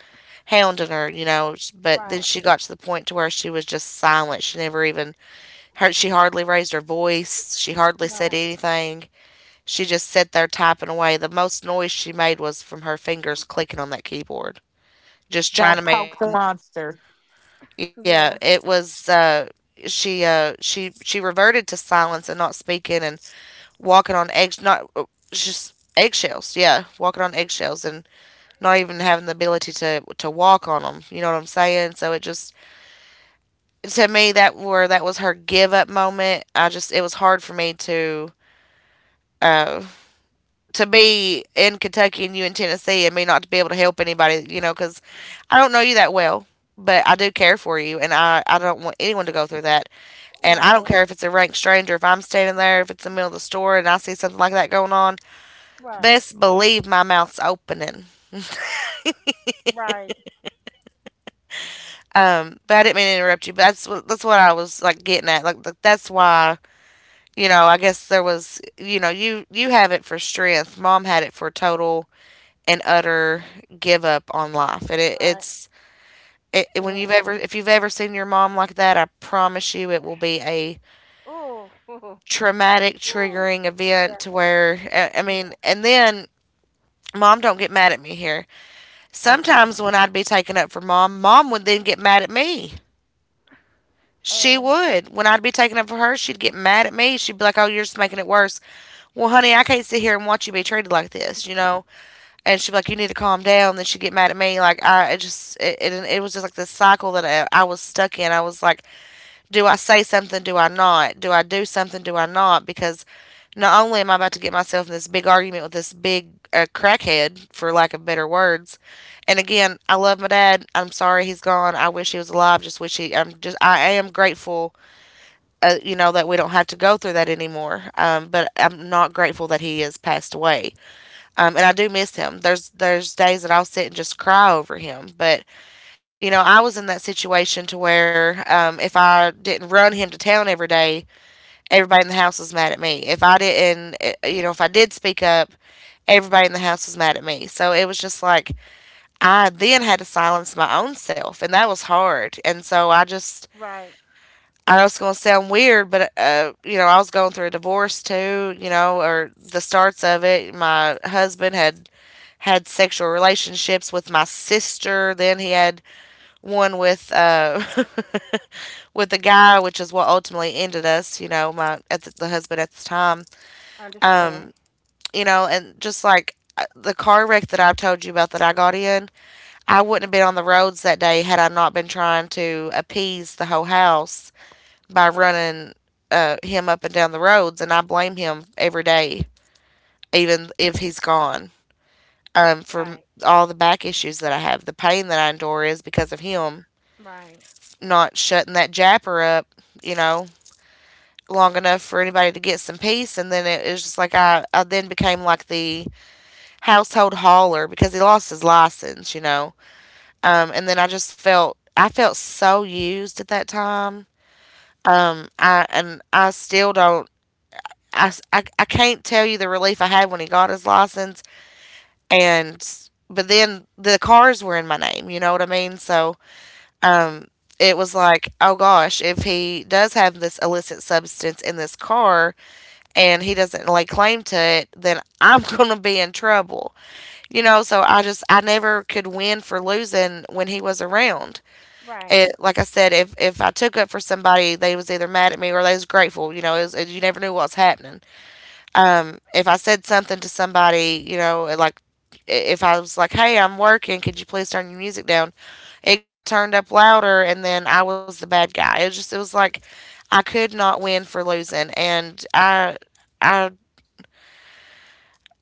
Speaker 1: hounding her, you know. S- but then
Speaker 3: Right.
Speaker 1: she got to the point to where she was just silent. She never even her she hardly raised her voice. She hardly said
Speaker 3: Right.
Speaker 1: anything. She just sat there typing away. The most noise she made was from her fingers clicking on that keyboard, just
Speaker 2: don't
Speaker 1: trying to
Speaker 2: poke
Speaker 1: make
Speaker 2: the monster.
Speaker 3: Yeah.
Speaker 1: yeah it was uh she uh she she reverted to silence and not speaking and walking on eggs, not uh, just eggshells. Yeah, walking on eggshells and not even having the ability to to walk on them. You know what I'm saying? So it just to me that where that was her give up moment. I just it was hard for me to uh to be in Kentucky and you in Tennessee and me not to be able to help anybody. You know, because I don't know you that well, but I do care for you, and I I don't want anyone to go through that. And I don't
Speaker 3: Right.
Speaker 1: care if it's a rank stranger, if I'm standing there, if it's in the middle of the store and I see something like that going on,
Speaker 3: Right.
Speaker 1: best believe my mouth's opening.
Speaker 3: Right.
Speaker 1: Um, but I didn't mean to interrupt you. But that's what that's what I was like getting at. Like th- that's why you know I guess there was you know you you have it for strength. Mom had it for total and utter give up on life. And it,
Speaker 3: Right.
Speaker 1: it's it- when
Speaker 3: Yeah.
Speaker 1: you've ever if you've ever seen your mom like that, I promise you it will be a
Speaker 3: Oh,
Speaker 1: traumatic
Speaker 3: Ooh,
Speaker 1: triggering event
Speaker 3: yeah.
Speaker 1: to where I, I
Speaker 3: Yeah.
Speaker 1: mean, and then. Mom, don't get mad at me here.
Speaker 2: Okay.
Speaker 1: Sometimes when I'd be taken up for mom, mom would then get mad at me. She
Speaker 3: Oh,
Speaker 1: would. When I'd be taking it for her, she'd get mad at me. She'd be like, "Oh, you're just making it worse." Well, honey, I can't sit here and watch you be treated like this, you know. And she'd be like, "You need to calm down." Then she'd get mad at me. Like I it just, it, it, it was just like this cycle that I, I was stuck in. I was like, "Do I say something? Do I not? Do I do something? Do I not?" Because not only am I about to get myself in this big argument with this big uh, crackhead, for lack of better words, and again, I love my dad. I'm sorry he's gone. I wish he was alive. Just wish he. I'm just. I am grateful uh, you know, that we don't have to go through that anymore. Um, but I'm not grateful that he has passed away. Um, and I do miss him. There's there's days that I'll sit and just cry over him. But you know, I was in that situation to where um, if I didn't run him to town every day, everybody in the house was mad at me. If I didn't, eh, you know, if I did speak up, everybody in the house was mad at me. So it was just like I then had to silence my own self, and that was hard. And so I just
Speaker 3: right.
Speaker 1: I know it's going to sound weird, but uh, you know, I was going through a divorce too. You know, or the starts of it. My husband had had sexual relationships with my sister. Then he had one with uh, with a guy, which is what ultimately ended us. You know, my at the, the husband at the time.
Speaker 3: Understand.
Speaker 1: Um, you know, and just like uh, the car wreck that I've told you about that I got in, I wouldn't have been on the roads that day had I not been trying to appease the whole house by running uh, him up and down the roads, and I blame him every day, even if he's gone. Um, for
Speaker 3: Right.
Speaker 1: all the back issues that I have, the pain that I endure is because of him
Speaker 3: Right.
Speaker 1: not shutting that japper up, you know, long enough for anybody to get some peace. And then it was just like I, I then became like the household hauler because he lost his license, you know. Um, and then I just felt I felt so used at that time. Um, I and I still don't I, s- I- I can't tell you the relief I had when he got his license. And, but then the cars were in my name, you know what I mean? So, um, it was like, oh gosh, if he does have this illicit substance in this car and he doesn't lay claim to it, then I'm going to be in trouble. You know, so I just, I never could win for losing when he was around.
Speaker 3: Right.
Speaker 1: It, like I said, if, if I took up for somebody, they was either mad at me or they was grateful. You know, it was, you never knew what was happening. Um, if I said something to somebody, you know, like if I was like, "Hey, I'm working. Could you please turn your music down?" It got turned up louder, and then I was the bad guy. It was just it was like I could not win for losing, and I I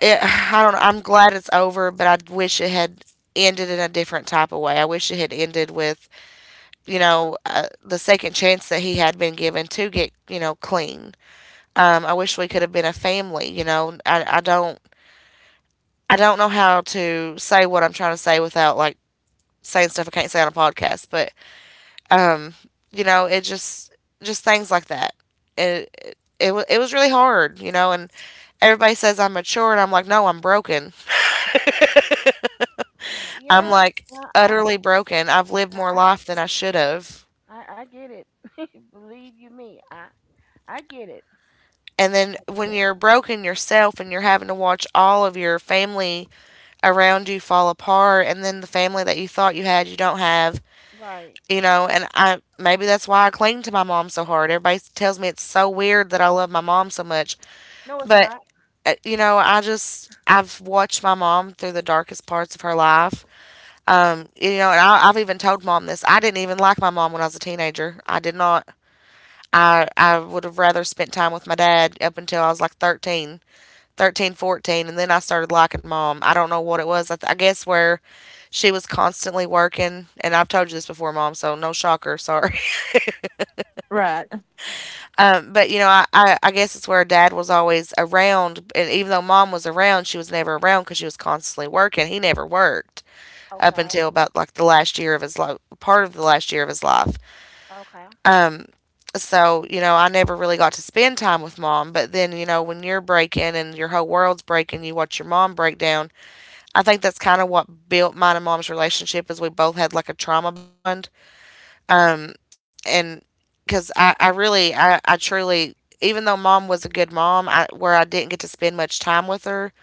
Speaker 1: it, I don't know. I'm glad it's over, but I wish it had ended in a different type of way. I wish it had ended with you know uh, the second chance that he had been given to get you know clean. Um, I wish we could have been a family. You know, I I don't I don't know how to say what I'm trying to say without like saying stuff I can't say on a podcast, but um, you know, it just just things like that. It it, it, wa- it was really hard, you know, and everybody says I'm mature and I'm like, "No, I'm broken." I'm
Speaker 3: Yeah.
Speaker 1: like
Speaker 3: Well, I,
Speaker 1: utterly broken. I've lived more
Speaker 3: I,
Speaker 1: life than I should have.
Speaker 3: I, I I get it. Believe you me, I, I get it.
Speaker 1: And then when
Speaker 3: Get
Speaker 1: you're broken yourself and you're having to watch all of your family around you fall apart and then the family that you thought you had you don't have,
Speaker 3: Right.
Speaker 1: you know, and I maybe that's why I cling to my mom so hard. Everybody tells me it's so weird that I love my mom so much,
Speaker 3: No, it's
Speaker 1: but
Speaker 3: not.
Speaker 1: uh, you know, I just I've watched my mom through the darkest parts of her life. Um, you know, and I, I've even told mom this. I didn't even like my mom when I was a teenager. I did not. I I would have rather spent time with my dad up until I was like thirteen, thirteen, fourteen, and then I started liking mom. I don't know what it was. I, th- I guess where she was constantly working, and I've told you this before, mom. So no shocker. Sorry.
Speaker 2: Right.
Speaker 1: Um, but you know, I, I, I guess it's where dad was always around, and even though mom was around, she was never around because she was constantly working. He never worked up
Speaker 3: Okay.
Speaker 1: until about like the last year of his life, part of the last year of his life.
Speaker 3: Okay.
Speaker 1: So you know, I never really got to spend time with mom. But then you know, when you're breaking and your whole world's breaking, you watch your mom break down. I think that's kind of what built mine and mom's relationship is we both had like a trauma bond. Um, and Because I, I really, I, I truly, even though mom was a good mom, I, where I didn't get to spend much time with her,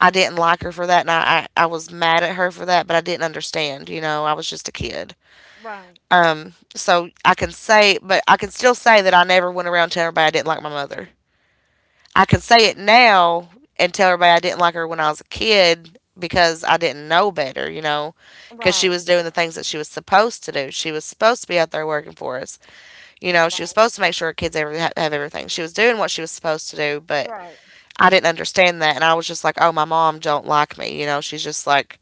Speaker 1: I didn't like her for that. And I, I, I was mad at her for that, but I didn't understand, you know, I was just a kid.
Speaker 3: Right.
Speaker 1: Um, so I can say, but I can still say that I never went around telling everybody I didn't like my mother. I can say it now and tell everybody I didn't like her when I was a kid because I didn't know better, you know, because she
Speaker 3: Right.
Speaker 1: was doing the things that she was supposed to do. She was supposed to be out there working for us. You know, she was
Speaker 3: Right.
Speaker 1: supposed to make sure her kids ever have everything. She was doing what she was supposed to do, but
Speaker 3: Right.
Speaker 1: I didn't understand that, and I was just like, "Oh, my mom don't like me." You know, she's just like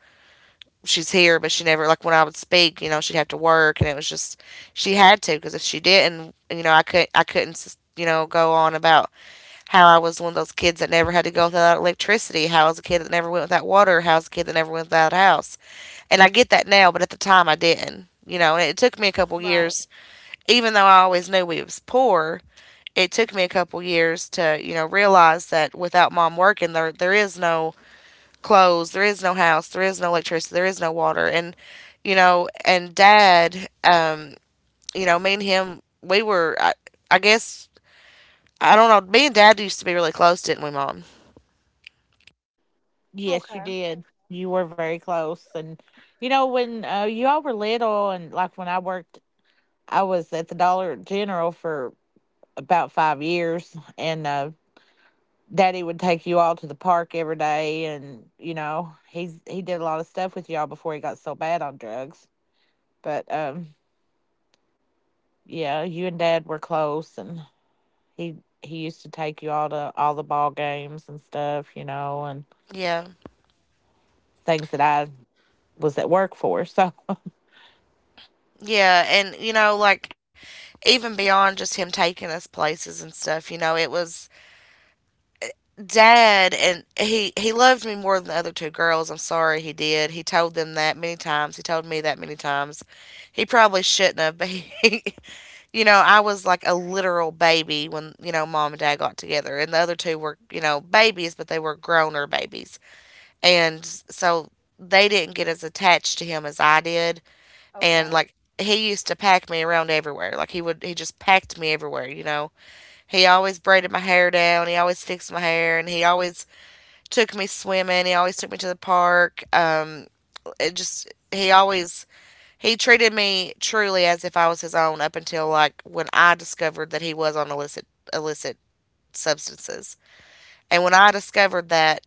Speaker 1: she's here, but she never like when I would speak, you know, she'd have to work, and it was just she had to because if she didn't, you know, I could not I couldn't you know go on about how I was one of those kids that never had to go without electricity, how I was a kid that never went without water, how I was a kid that never went without a house, and I get that now, but at the time I didn't. You know, and it took me a couple
Speaker 3: Right.
Speaker 1: years, even though I always knew we was poor, it took me a couple years to you know realize that without mom working, there there is no clothes, there is no house, there is no electricity, there is no water. And you know, and dad, um you know, me and him, we were I, I guess I don't know, me and dad used to be really close, didn't we mom?
Speaker 2: Yes, you
Speaker 3: Okay.
Speaker 2: did. You were very close. And you know, when uh, you all were little, and like when I worked, I was at the Dollar General for about five years, and uh, Daddy would take you all to the park every day, and you know, he's he did a lot of stuff with y'all before he got so bad on drugs. But um, yeah, you and Dad were close, and he he used to take you all to all the ball games and stuff, you know, and
Speaker 1: Yeah.
Speaker 2: things that I was at work for. So.
Speaker 1: Yeah, and you know like even beyond just him taking us places and stuff, you know, it was dad, and he he loved me more than the other two girls. I'm sorry he did. He told them that many times. He told me that many times. He probably shouldn't have, but he, you know, I was like a literal baby when, you know, mom and dad got together. And the other two were, you know, babies, but they were growner babies. And so they didn't get as attached to him as I did. And
Speaker 3: Okay.
Speaker 1: like he used to pack me around everywhere. Like he would he just packed me everywhere, you know. He always braided my hair down, he always fixed my hair, and he always took me swimming. He always took me to the park. Um, it just he always he treated me truly as if I was his own up until like when I discovered that he was on illicit illicit substances. And when I discovered that,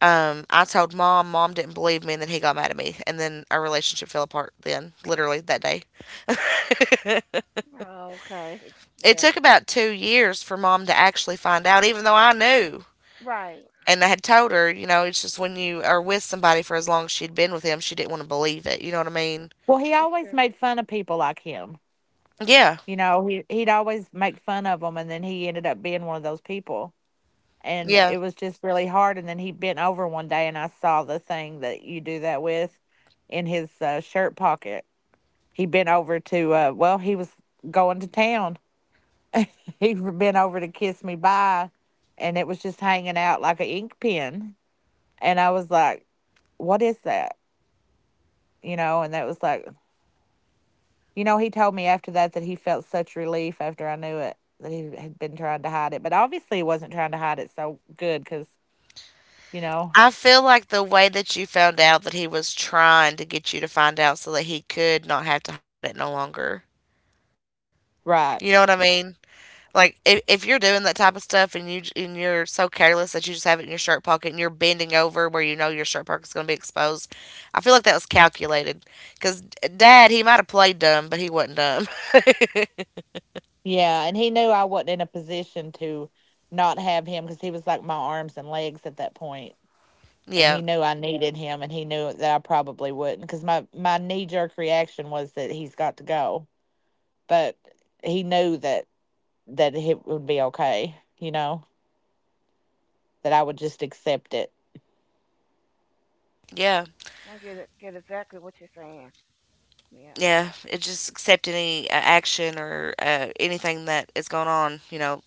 Speaker 1: um, I told mom. Mom didn't believe me, and then he got mad at me, and then our relationship fell apart. Then literally that day,
Speaker 3: Okay.
Speaker 1: it
Speaker 3: Yeah.
Speaker 1: took about two years for mom to actually find out, even though I knew.
Speaker 3: Right.
Speaker 1: And I had told her, you know, it's just when you are with somebody for as long as she'd been with him, she didn't want to believe it. You know what I mean?
Speaker 2: Well, he
Speaker 3: That's
Speaker 2: always
Speaker 3: true.
Speaker 2: made fun of people like him.
Speaker 1: Yeah.
Speaker 2: You know, he he'd always make fun of them, and then he ended up being one of those people. And
Speaker 1: Yeah.
Speaker 2: it was just really hard. And then he bent over one day, and I saw the thing that you do that with in his uh, shirt pocket. He bent over to, uh, well, he was going to town. He bent over to kiss me bye, and it was just hanging out like an ink pen. And I was like, what is that? You know, and that was like, you know, he told me after that that he felt such relief after I knew it that he had been trying to hide it, but obviously he wasn't trying to hide it so good because, you know,
Speaker 1: I feel like the way that you found out that he was trying to get you to find out so that he could not have to hide it no longer. You know what I
Speaker 2: right.
Speaker 1: mean? Like if if you're doing that type of stuff and you and you're so careless that you just have it in your shirt pocket and you're bending over where you know your shirt pocket's going to be exposed, I feel like that was calculated. Cause dad, he might have played dumb, but he wasn't dumb.
Speaker 2: Yeah. And he knew I wasn't in a position to not have him because he was like my arms and legs at that point. And
Speaker 1: Yeah,
Speaker 2: he knew I Yeah. needed him and he knew that I probably wouldn't because my, my knee jerk reaction was that he's got to go. But he knew that, that it would be okay, you know, that I would just accept it.
Speaker 1: yeah.
Speaker 3: I get it. Get exactly what you're saying. Yeah.
Speaker 1: Yeah, it just accept any uh, action or uh, anything that is going on. You know,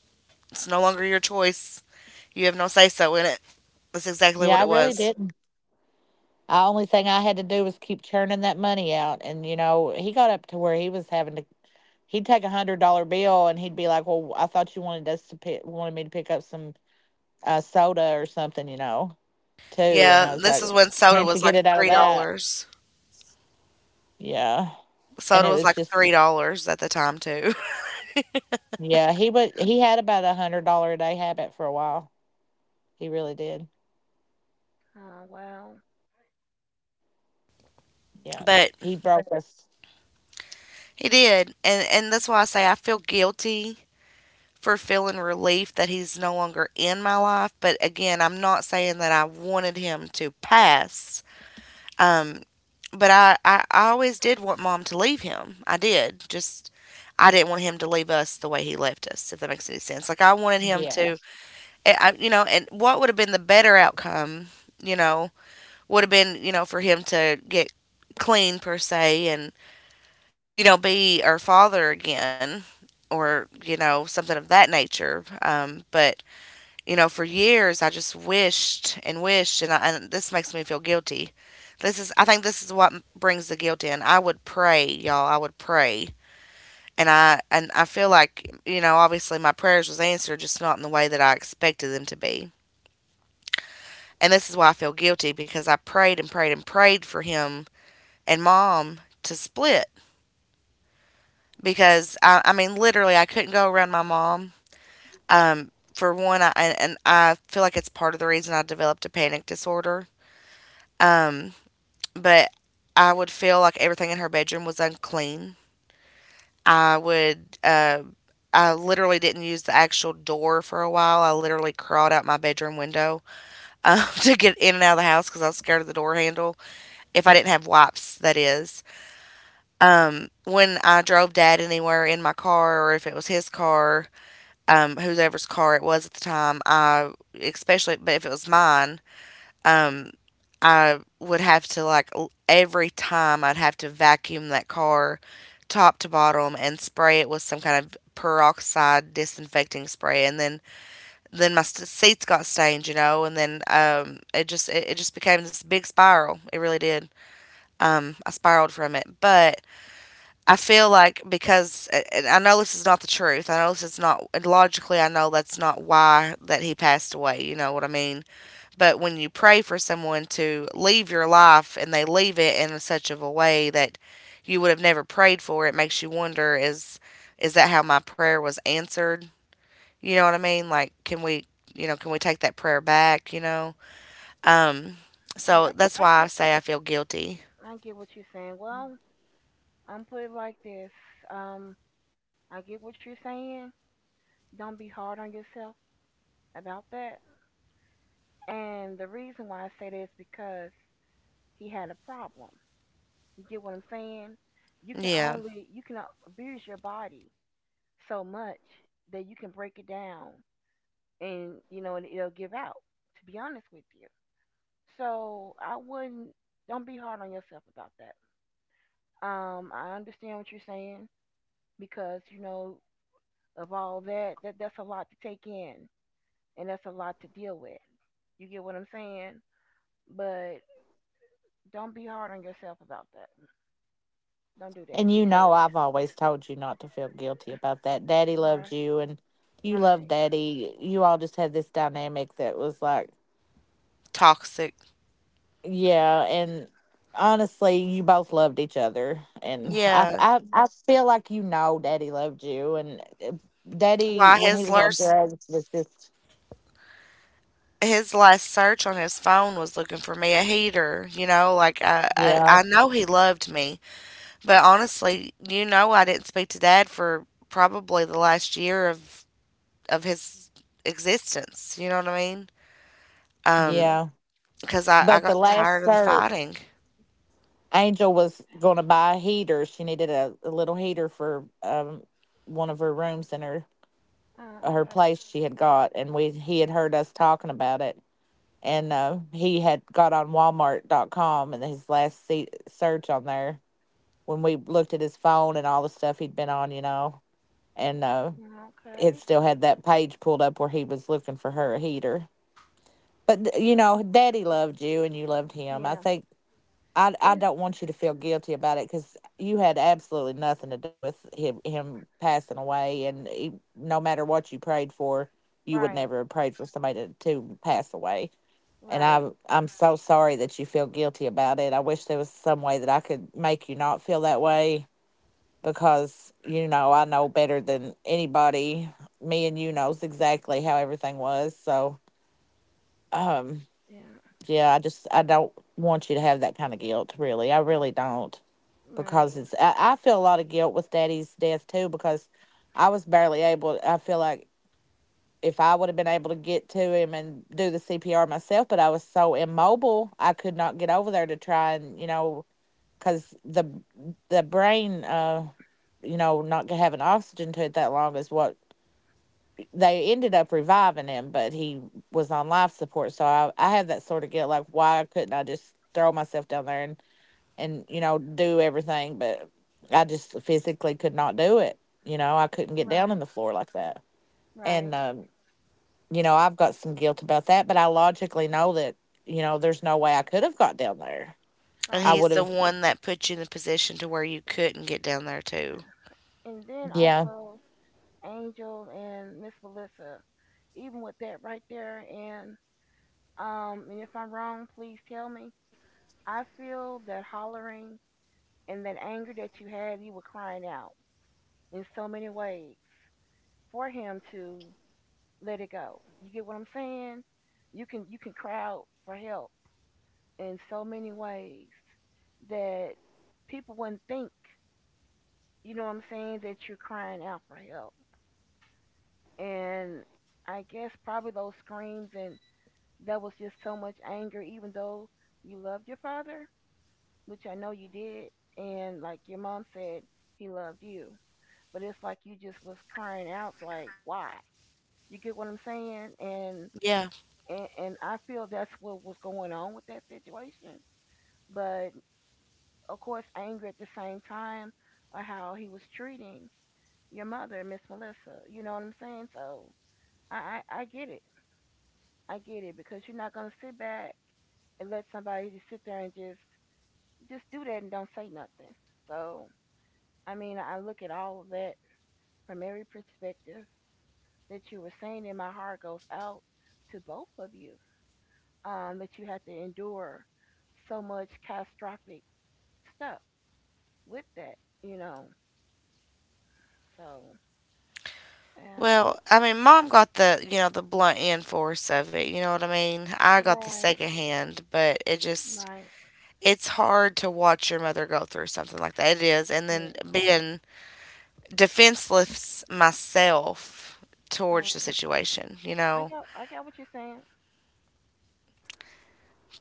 Speaker 1: it's no longer your choice. You have no say so in it. That's exactly what
Speaker 2: Yeah, I
Speaker 1: it
Speaker 2: really
Speaker 1: was.
Speaker 2: did. The only thing I had to do was keep churning that money out. And, you know, he got up to where he was having to, he'd take a hundred dollar bill and he'd be like, well, I thought you wanted us to pick, wanted me to pick up some uh, soda or something, you know, too. And I
Speaker 1: Yeah,
Speaker 2: was
Speaker 1: this
Speaker 2: like,
Speaker 1: is when soda
Speaker 2: can't you
Speaker 1: was
Speaker 2: get
Speaker 1: like
Speaker 2: it out of
Speaker 1: three
Speaker 2: that?
Speaker 1: dollars.
Speaker 2: Yeah. And
Speaker 1: Soda
Speaker 2: it
Speaker 1: was
Speaker 2: was
Speaker 1: like three
Speaker 2: just,
Speaker 1: dollars at the time too.
Speaker 2: yeah, he would, he had about a hundred dollar a day habit for a while. He really did.
Speaker 3: Oh well.
Speaker 2: Yeah.
Speaker 1: But
Speaker 2: He broke us.
Speaker 1: he did, and and that's why I say I feel guilty for feeling relief that he's no longer in my life. But again, I'm not saying that I wanted him to pass. Um, but I, I, I always did want mom to leave him. I did. Just I didn't want him to leave us the way he left us, if that makes any sense. Like I wanted him
Speaker 2: Yeah.
Speaker 1: to, I, I- you know, and what would have been the better outcome, you know, would have been, you know, for him to get clean per se and, you know, be our father again or, you know, something of that nature. Um, but you know, for years I just wished and wished, and, I, and this makes me feel guilty. This is, I think, this is what brings the guilt in. I would pray, y'all. I would pray, and I and I feel like you know, obviously my prayers was answered, just not in the way that I expected them to be. And this is why I feel guilty because I prayed and prayed and prayed for him and mom to split because I, I mean literally I couldn't go around my mom. Um, for one, I and, and I feel like it's part of the reason I developed a panic disorder. Um, but I would feel like everything in her bedroom was unclean. I would, uh, I literally didn't use the actual door for a while. I literally crawled out my bedroom window um, to get in and out of the house because I was scared of the door handle. If I didn't have wipes, that is. Um, when I drove dad anywhere in my car or if it was his car, um, whoever's car it was at the time, I, especially, but if it was mine, um, I would have to like l- every time I'd have to vacuum that car top to bottom and spray it with some kind of peroxide disinfecting spray and then then my st- seats got stained, you know, and then um it just it, it just became this big spiral, it really did. um I spiraled from it, but I feel like because, and I know this is not the truth, I know this is not, and logically I know that's not why that he passed away, you know what I mean, but when you pray for someone to leave your life and they leave it in such of a way that you would have never prayed for, it makes you wonder is is that how my prayer was answered? You know what I mean? Like can we you know, can we take that prayer back, you know? Um so
Speaker 3: Yeah,
Speaker 1: that's
Speaker 3: I,
Speaker 1: why I
Speaker 3: I
Speaker 1: say I feel guilty.
Speaker 3: I get what you're saying. Well, I'm put it like this. Um, I get what you're saying. Don't be hard on yourself about that. And the reason why I say that is because he had a problem. You get what I'm saying? You can
Speaker 1: Yeah.
Speaker 3: only you can abuse your body so much that you can break it down, and you know, and it'll give out. To be honest with you, so I wouldn't. Don't be hard on yourself about that. Um, I understand what you're saying because you know of all that, that that's a lot to take in and that's a lot to deal with. You get what I'm saying? But don't be hard on yourself about that. Don't do
Speaker 2: And
Speaker 3: that
Speaker 2: you know,
Speaker 3: because
Speaker 2: I've always told you not to feel guilty about that. Daddy loved
Speaker 3: right,
Speaker 2: you and you loved
Speaker 3: right,
Speaker 2: daddy. You all just had this dynamic that was like,
Speaker 1: Toxic.
Speaker 2: yeah. And honestly, you both loved each other. And I, f-
Speaker 1: Yeah.
Speaker 2: I, I feel like you know daddy loved you. And uh, daddy,
Speaker 1: Why
Speaker 2: when he
Speaker 1: his
Speaker 2: was on
Speaker 1: last
Speaker 2: drugs, was just,
Speaker 1: his last search on his phone was looking for me a heater, you know, like I I,
Speaker 2: yeah,
Speaker 1: I know he loved me. But honestly, you know, I didn't speak to dad for probably the last year of of his existence. You know what I mean? Um,
Speaker 3: yeah,
Speaker 2: yeah.
Speaker 1: because I I
Speaker 2: But
Speaker 1: got
Speaker 2: the last
Speaker 1: tired of the
Speaker 2: search,
Speaker 1: fighting,
Speaker 2: Angel was going to buy a heater. She needed a, a little heater for um, one of her rooms in her her
Speaker 3: okay,
Speaker 2: place she had got, and we he had heard us talking about it. And uh, he had got on walmart dot com, and his last se- search on there when we looked at his phone and all the stuff he'd been on, you know. And uh, it
Speaker 3: okay,
Speaker 2: still had that page pulled up where he was looking for her a heater. But you know,
Speaker 3: uh,
Speaker 2: daddy loved you and you loved him, I
Speaker 3: yeah,
Speaker 2: think. I I
Speaker 3: it's
Speaker 2: don't want you to feel guilty about it because you had absolutely nothing to do with him him passing away. And he, no matter what you prayed for, you would
Speaker 3: right,
Speaker 2: never have prayed for somebody to, to pass away. And I
Speaker 3: right,
Speaker 2: I'm so sorry that you feel guilty about it. I wish there was some way that I could make you not feel that way, because you know I know better than anybody. Me and you knows exactly how everything was. So um
Speaker 3: yeah,
Speaker 2: yeah, I just I don't want you to have that kind of guilt. Really, I really don't, because
Speaker 3: right,
Speaker 2: it's I, I feel a lot of guilt with daddy's death too, because I was barely able, I feel like, if I would have been able to get to him and do the C P R myself. But I was so immobile I could not get over there to try, and you know, cuz the the brain, uh you know, not having oxygen to it that long is what, they ended up reviving him, but he was on life support. So I I have that sort of guilt, like why couldn't I just throw myself down there and and you know do everything, but I just physically could not do it. You know, I couldn't get down on
Speaker 3: right,
Speaker 2: the floor like that. And
Speaker 3: right,
Speaker 2: um, you know, I've got some guilt about that, but I logically know that, you know, there's no way I could have got down there.
Speaker 1: and
Speaker 2: I
Speaker 1: he's
Speaker 3: right,
Speaker 2: would
Speaker 1: the
Speaker 2: have.
Speaker 1: one that put you in the position to where you couldn't get down there
Speaker 3: yeah.
Speaker 1: too.
Speaker 3: And then
Speaker 2: Yeah,
Speaker 3: also Angel and Miss Melissa, even with that right there, and um, and if I'm wrong, please tell me. I feel that hollering and that anger that you had, you were crying out in so many ways for him to let it go. You get what I'm saying? You can you can cry out for help in so many ways that people wouldn't think, you know what I'm saying, that you're crying out for help. And I guess probably those screams and that was just so much anger even though you loved your father, which I know you did, and like your mom said, he loved you. But it's like you just was crying out, like, why? You get what I'm saying? And
Speaker 1: Yeah.
Speaker 3: and, and I feel that's what was going on with that situation. But of course, anger at the same time of how he was treating your mother, Miss Melissa. You know what I'm saying? So I, I I get it. I get it because you're not gonna sit back and let somebody just sit there and just just do that and don't say nothing. So I mean, I look at all of that from every perspective that you were saying, in my heart goes out to both of you, um, that you had to endure so much catastrophic stuff with that, you know. So yeah,
Speaker 1: Well, I mean, mom got the you know the blunt end force of it. You know what I mean? I got the
Speaker 3: right,
Speaker 1: second hand, but it just
Speaker 3: right,
Speaker 1: it's hard to watch your mother go through something like that. It is, and
Speaker 3: yeah,
Speaker 1: then being defenseless myself towards the
Speaker 3: right.
Speaker 1: situation, you
Speaker 3: I
Speaker 1: know.
Speaker 3: got, I got what you're saying.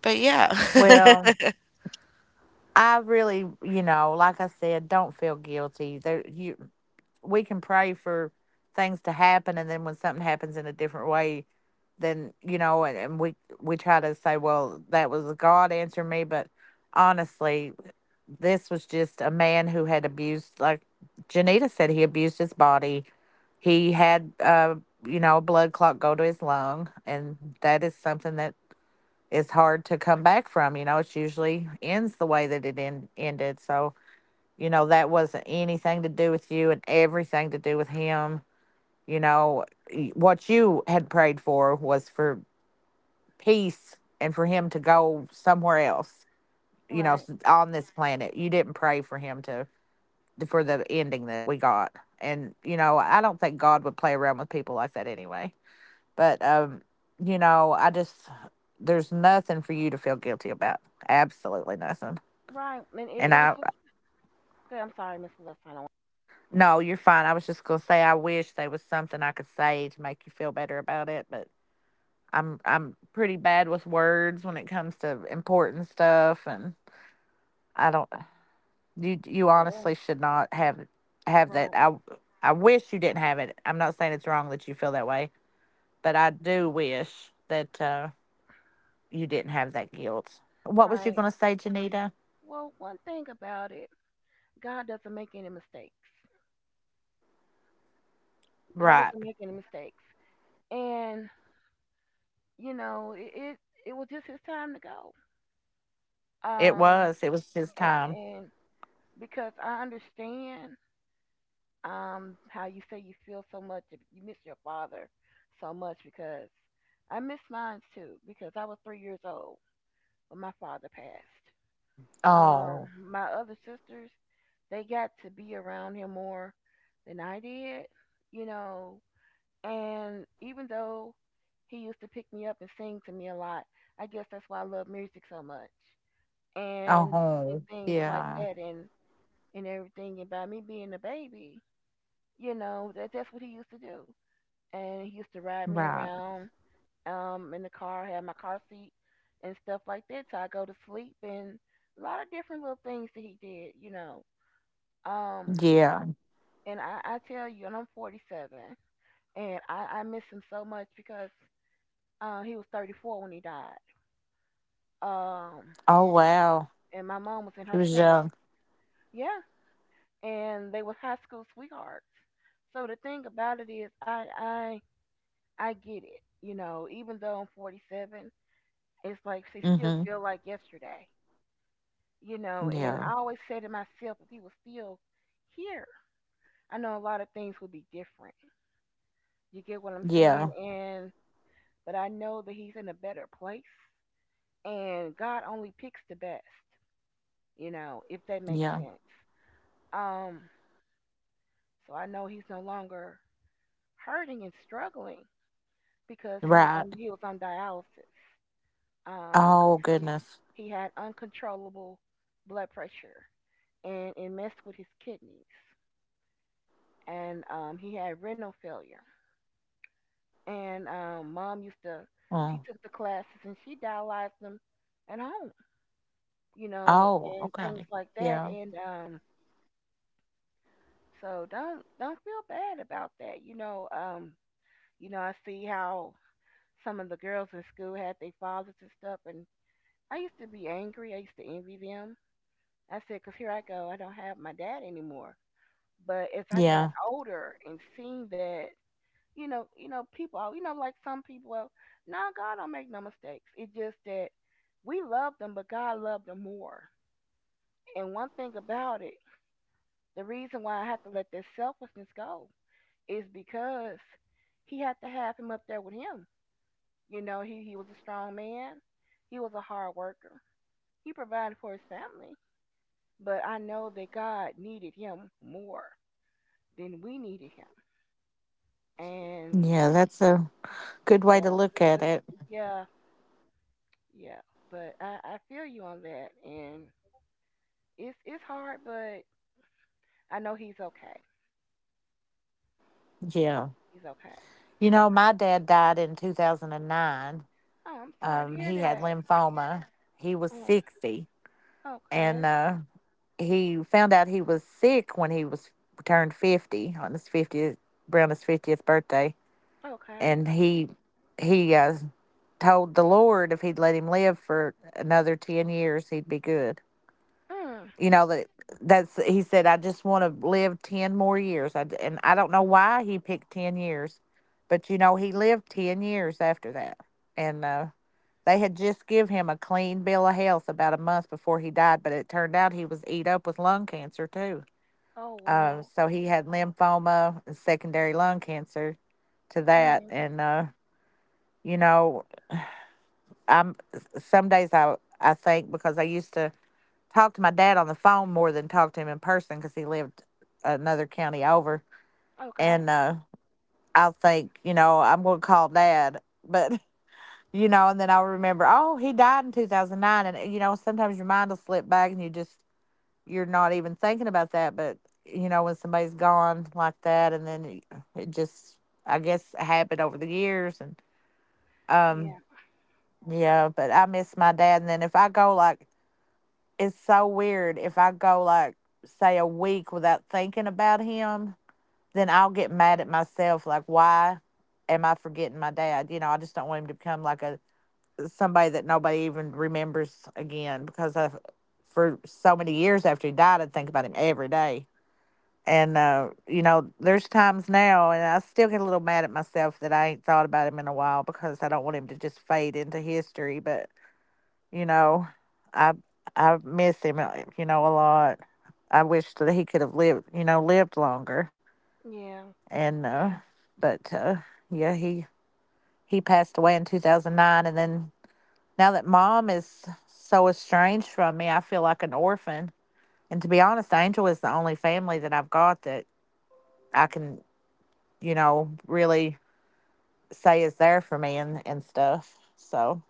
Speaker 1: But yeah,
Speaker 2: well, I really, you know, like I said, don't feel guilty there. You We can pray for things to happen, and then when something happens in a different way, then, you know, and, and we we try to say, well, that was God answering me. But honestly, this was just a man who had abused, like Janita said, he abused his body. He had, uh, you know, a blood clot go to his lung, and that is something that is hard to come back from. You know, it usually ends the way that it end, ended. So, you know, that wasn't anything to do with you, and everything to do with him. You know, y- what you had prayed for was for peace and for him to go somewhere else, you know,
Speaker 3: Right,
Speaker 2: s- on this planet. You didn't pray for him to, for the ending that we got. And you know, I don't think God would play around with people like that anyway. But um, you know, I just there's nothing for you to feel guilty about. Absolutely nothing.
Speaker 3: right, and it,
Speaker 2: And
Speaker 3: it was
Speaker 2: I,
Speaker 3: just. Okay, I'm sorry, Miss Lewis. I don't.
Speaker 2: no, you're fine. I was just gonna say I wish there was something I could say to make you feel better about it, but I'm I'm pretty bad with words when it comes to important stuff, and I don't, you you
Speaker 3: Well,
Speaker 2: honestly should not have have that.
Speaker 3: right,
Speaker 2: I I wish you didn't have it. I'm not saying it's wrong that you feel that way, but I do wish that uh, you didn't have that guilt. What was you
Speaker 3: right.
Speaker 2: going to say, Janita?
Speaker 3: Well, one thing about it, God doesn't make any mistakes. God
Speaker 2: Right.
Speaker 3: doesn't make any mistakes, and you know, it it, it was just his time to go.
Speaker 2: It
Speaker 3: Um,
Speaker 2: was. It was his
Speaker 3: and,
Speaker 2: time.
Speaker 3: and because I understand um how you say you feel so much, you miss your father so much because I miss mine too because I was three years old when my father passed. Um,
Speaker 2: Oh.
Speaker 3: my other sisters, they got to be around him more than I did, you know. And even though he used to pick me up and sing to me a lot, I guess that's why I love music so much and and
Speaker 2: Oh.
Speaker 3: things like
Speaker 2: Yeah.
Speaker 3: that and and everything, and by me being a baby, you know that that's what he used to do. And he used to ride me
Speaker 2: Right.
Speaker 3: around um in the car, have my car seat and stuff like that till I go to sleep, and a lot of different little things that he did, you know. um
Speaker 2: Yeah.
Speaker 3: and i i tell you, and I'm forty-seven, and i i miss him so much because uh, he was thirty-four when he died, um
Speaker 2: Oh, wow.
Speaker 3: and my mom was in
Speaker 2: He
Speaker 3: her
Speaker 2: was
Speaker 3: twenties.
Speaker 2: young.
Speaker 3: Yeah, and they was high school sweethearts. So the thing about it is, I I I get it. You know, even though I'm forty-seven, it's like she
Speaker 2: Mm
Speaker 3: still
Speaker 2: hmm.
Speaker 3: feel like yesterday. You know, and
Speaker 2: Yeah.
Speaker 3: I always say to myself, if he was still here, I know a lot of things would be different. You get what I'm saying?
Speaker 2: Yeah.
Speaker 3: And but I know that he's in a better place, and God only picks the best. You know, if that makes
Speaker 2: Yeah.
Speaker 3: sense. Um, so I know he's no longer hurting and struggling because he was
Speaker 2: Right.
Speaker 3: on he was on dialysis, um, because
Speaker 2: Oh,
Speaker 3: he
Speaker 2: goodness.
Speaker 3: he had uncontrollable blood pressure and it messed with his kidneys, and um, he had renal failure, and um, mom used to she
Speaker 2: Oh.
Speaker 3: took the classes and she dialyzed them at home, you know,
Speaker 2: Oh,
Speaker 3: and things
Speaker 2: okay.
Speaker 3: like that,
Speaker 2: Yeah.
Speaker 3: and um, so don't don't feel bad about that, you know. Um, you know, I see how some of the girls in school had their fathers and stuff, and I used to be angry, I used to envy them. I said, because here I go, I don't have my dad anymore. But as I got
Speaker 2: Yeah.
Speaker 3: older and seeing that, you know, you know, people, are- you know, like some people, well, no, God don't make no mistakes. It's just that we love them, but God loved them more. And one thing about it, the reason why I had to let this selfishness go is because he had to have him up there with him. You know, he, he was a strong man. He was a hard worker. He provided for his family. But I know that God needed him more then we needed him. And
Speaker 2: Yeah. That's a good way to
Speaker 3: yeah,
Speaker 2: look at it.
Speaker 3: yeah, yeah. But I, I feel you on that, and it's it's hard, but I know he's okay.
Speaker 2: Yeah.
Speaker 3: He's okay.
Speaker 2: You know, my dad died in two thousand nine.
Speaker 3: Oh, I'm sorry to
Speaker 2: Um,
Speaker 3: hear
Speaker 2: he had
Speaker 3: that.
Speaker 2: lymphoma. He was
Speaker 3: Oh,
Speaker 2: sixty, and
Speaker 3: okay,
Speaker 2: uh, he found out he was sick when he was, turned fifty on his fiftieth, around his fiftieth birthday.
Speaker 3: okay.
Speaker 2: And he he uh, told the Lord if he'd let him live for another ten years, he'd be good.
Speaker 3: Mm.
Speaker 2: You know, that that's he said. I just want to live ten more years. I, and I don't know why he picked ten years, but you know he lived ten years after that. And uh, they had just give him a clean bill of health about a month before he died, but it turned out he was eat up with lung cancer too.
Speaker 3: Oh
Speaker 2: Um,
Speaker 3: wow.
Speaker 2: so he had lymphoma and secondary lung cancer to that.
Speaker 3: Mm.
Speaker 2: And uh, you know, I'm some days I I think, because I used to talk to my dad on the phone more than talk to him in person, because he lived another county over.
Speaker 3: Okay.
Speaker 2: And uh, I'll think, you know, I'm gonna call dad, but, you know, and then I'll remember, oh, he died in two thousand nine. And, you know, sometimes your mind will slip back and you just, you're not even thinking about that. But, you know, when somebody's gone like that, and then it just, I guess, happened over the years. And, um,
Speaker 3: Yeah,
Speaker 2: yeah, but I miss my dad. And then if I go like, it's so weird. If I go like, say, a week without thinking about him, then I'll get mad at myself. Like, why am I forgetting my dad? You know, I just don't want him to become like a, somebody that nobody even remembers again, because I, for so many years after he died, I'd think about him every day. And, uh, you know, there's times now, and I still get a little mad at myself that I ain't thought about him in a while, because I don't want him to just fade into history. But, you know, I I miss him, uh, you know, a lot. I wish that he could have lived, you know, lived longer.
Speaker 3: yeah,
Speaker 2: And, uh, but, uh, yeah, he, he passed away in two thousand nine. And then now that mom is so estranged from me, I feel like an orphan. And to be honest, Angel is the only family that I've got that I can, you know, really say is there for me, and, and stuff. So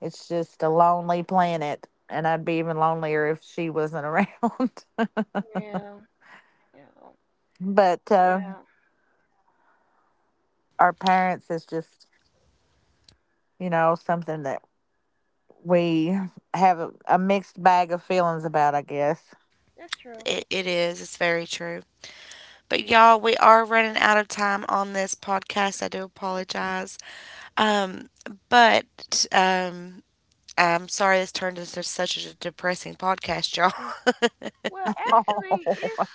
Speaker 2: it's just a lonely planet. And I'd be even lonelier if she wasn't around.
Speaker 3: yeah, yeah,
Speaker 2: But uh,
Speaker 3: yeah.
Speaker 2: our parents is just, you know, something that we have a, a mixed bag of feelings about, I guess.
Speaker 3: That's true.
Speaker 1: it, it is. It's very true. But y'all, we are running out of time on this podcast. I do
Speaker 3: Mm,
Speaker 1: apologize. Um, but um, I'm sorry this turned into such a depressing podcast, y'all.
Speaker 3: mm. Well, actually,
Speaker 2: Oh,
Speaker 3: it's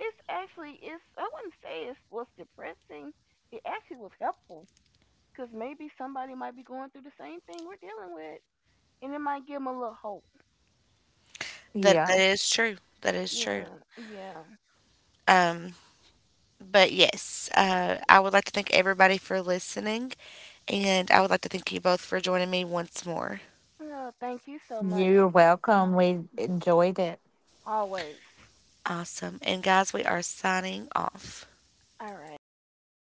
Speaker 3: it's actually, it's I wouldn't say it was depressing. It actually was helpful because maybe somebody might be going through the same thing we're dealing with, and it might give them a little hope.
Speaker 1: That that
Speaker 2: yeah.
Speaker 1: is true. That is true.
Speaker 3: Yeah, yeah.
Speaker 1: Um, but yes, uh, I would like to thank everybody for listening, and I would like to thank you both for joining me once more.
Speaker 3: Well, thank you so much,
Speaker 2: You're welcome. We enjoyed it.
Speaker 3: always.
Speaker 1: Awesome. And guys, we are signing off.
Speaker 3: All right.
Speaker 2: Okay.